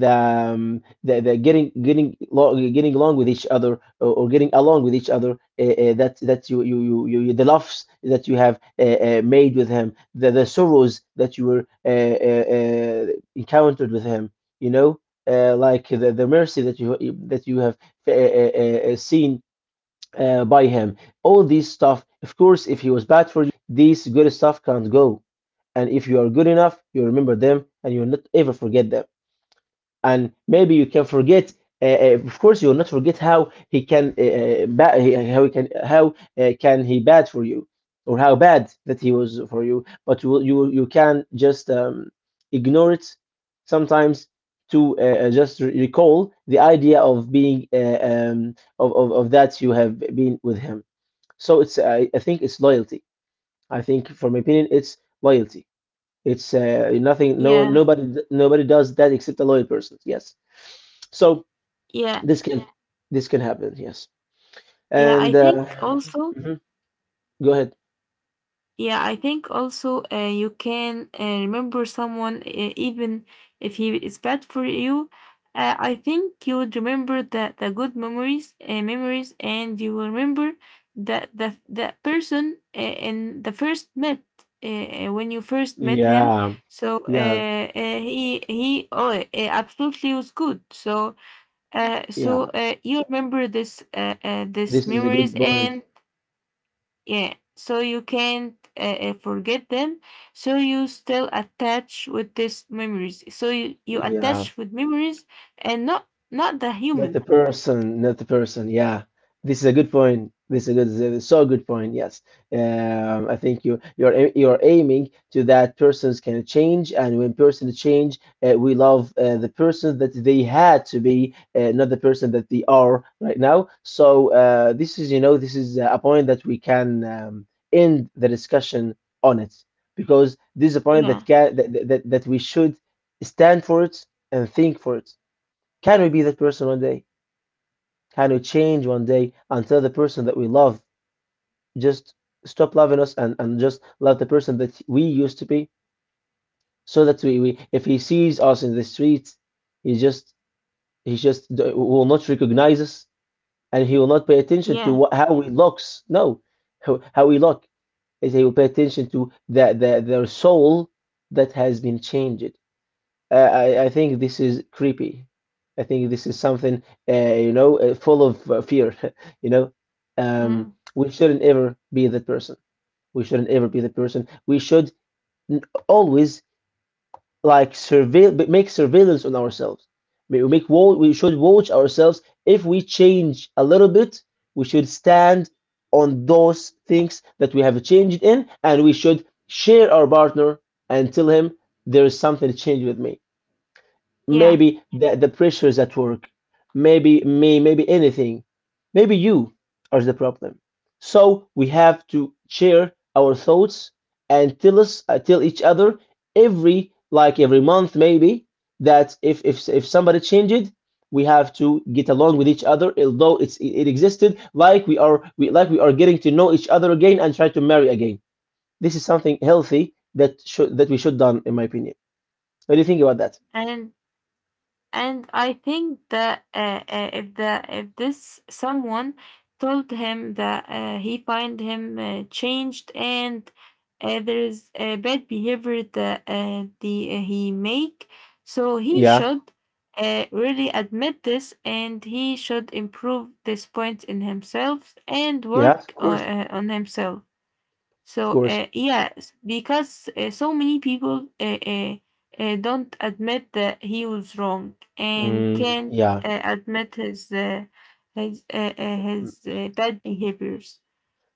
S1: the, um, the, the getting getting lo- getting along with each other or, or getting along with each other, uh, uh, that that you you, you you you- the loves that you have uh, uh, made with him, the, the sorrows that you were uh, uh, uh, encountered with him, you know, uh, like the, the mercy that you that you have uh, uh, uh, seen uh, by him, all these stuff, of course. If he was bad for you, these good stuff can't go, and if you are good enough you remember them and you'll not ever forget them. And maybe you can forget, uh, uh, of course you'll not forget how he can, uh, uh, ba- he- how he can, how uh, can he bad for you, or how bad that he was for you, but you will- you you can just um, ignore it sometimes, to uh, uh, just re- recall the idea of being uh, um, of, of, of that you have been with him. So it's, I, I think it's loyalty. I think from my opinion it's loyalty. It's uh, nothing. No,
S2: yeah,
S1: nobody, nobody does that except a loyal person. Yes. So
S2: yeah,
S1: this can, this can happen. Yes.
S2: yeah. I
S1: And
S2: think
S1: uh,
S2: also
S1: mhm, go ahead.
S2: Yeah, I think also uh, you can uh, remember someone uh, even if he is bad for you. Uh, I think you would remember the, the good memories, uh, memories, and you will remember that the that person uh, in the first met uh, uh, when you first met him.
S1: Yeah,
S2: So
S1: yeah,
S2: uh, uh, he he oh, uh, absolutely was good. So uh, so
S1: yeah,
S2: uh, you remember this uh, uh, this
S1: this is a
S2: memories
S1: good point.
S2: and yeah, so you can't uh, uh, forget them. So you still attach with these memories. So you, you
S1: Yeah.
S2: attach with memories and not not the
S1: Not the
S2: human.
S1: person, not the person. Yeah, this is a good point. This is a good, this is so good point. Yes, um, I think you you're a- you're aiming to that persons can change, and when persons change, uh, we love uh, the person that they had to be, uh, not the person that they are right now. So uh, this is, you know, this is a point that we can um, end the discussion on it, because this is a point that
S2: Yeah,
S1: can that that, that we should stand for it and think for it. Can we be that person one day? Kind of change one day until the person that we love just stop loving us and, and just love the person that we used to be? So that we, we, if he sees us in the street, he just he just d- will not recognize us, and he will not pay attention to
S2: yeah,
S1: what, how he looks. No, how, how we look, is he will pay attention to the, the, their soul that has been changed. Uh, I, I think this is creepy. I think this is something, uh, you know, uh, full of uh, fear. You know, um,
S2: mm,
S1: we shouldn't ever be that person. We shouldn't ever be that person. We should n- always, like, surveil, b- make surveillance on ourselves. We we make wa- we should watch ourselves. If we change a little bit, we should stand on those things that we have changed in, and we should share our partner and tell him there is something to change with me.
S2: yeah.
S1: Maybe the, the pressures at work, maybe me, maybe anything, maybe you are the problem. So we have to share our thoughts and tell us, uh, tell each other every, like, every month maybe, that if if if somebody changed, we have to get along with each other, although it's it, it existed, like we are, we like we are getting to know each other again and try to marry again. This is something healthy that should that we should done in my opinion. What do you think about that?
S2: And and I think that uh, uh, if the if this someone told him that uh, he find him uh, changed and uh, there is a bad behavior that uh, the uh, he make, so he
S1: Yeah.
S2: should uh, really admit this and he should improve this point in himself and
S1: Yeah, of
S2: work uh,
S1: course.
S2: uh, on himself.
S1: Of
S2: So
S1: course.
S2: uh, yes, because uh, so many people uh, uh, uh, don't admit that he was wrong and
S1: Mm,
S2: can't
S1: yeah.
S2: uh, admit his uh, his uh, uh,
S1: Mm,
S2: his uh, bad behaviors,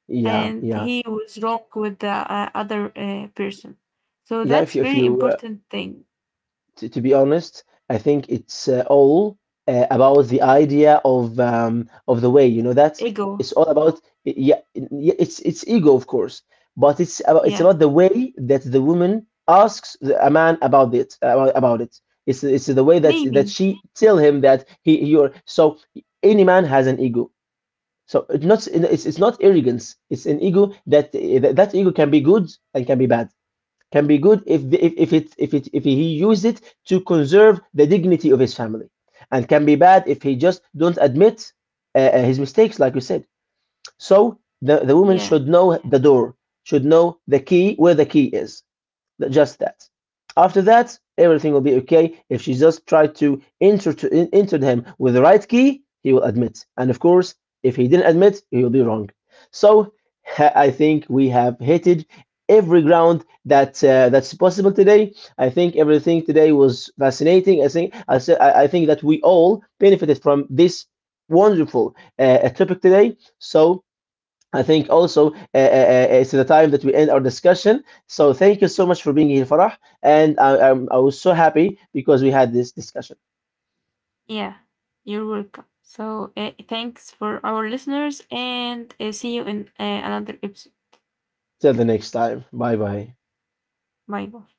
S1: yeah.
S2: and
S1: Yeah.
S2: he was wrong with the uh, other uh, person. So
S1: Yeah. If
S2: that's
S1: you, if
S2: very
S1: you, uh,
S2: important thing.
S1: t to be honest, I think it's uh, all uh, about the idea of um of the way. You know that
S2: Ego,
S1: it's all about y- yeah. y- It's it's ego, of course, but it's about it's
S2: yeah,
S1: about the way that the woman asks the, a man about it, about, about it. It's it's the way that that
S2: maybe,
S1: she tell him that he you're so, any man has an ego. So it's not it's, it's not arrogance. It's an ego, that that ego can be good and can be bad. Can be good if the, if, if it if it, if he uses it to conserve the dignity of his family, and can be bad if he just don't admit uh, uh, his mistakes, like you said. So the the woman
S2: yeah,
S1: should know the door, should know the key where the key is. Just that. After that, everything will be okay. If she just tried to enter to en- enter him with the right key, he will admit. And of course, if he didn't admit, he will be wrong. So I think we have hitted every ground that uh, that's possible today. I think everything today was fascinating. I think I, said I I think that we all benefited from this wonderful uh, topic today. So I think also uh, uh, uh, it's the time that we end our discussion. So thank you so much for being here, Farah. And I, I'm, I was so happy because we had this discussion.
S2: yeah. You're welcome. So uh, thanks for our listeners, and uh, see you in uh, another episode.
S1: Till the next time. Bye bye.
S2: Bye bye.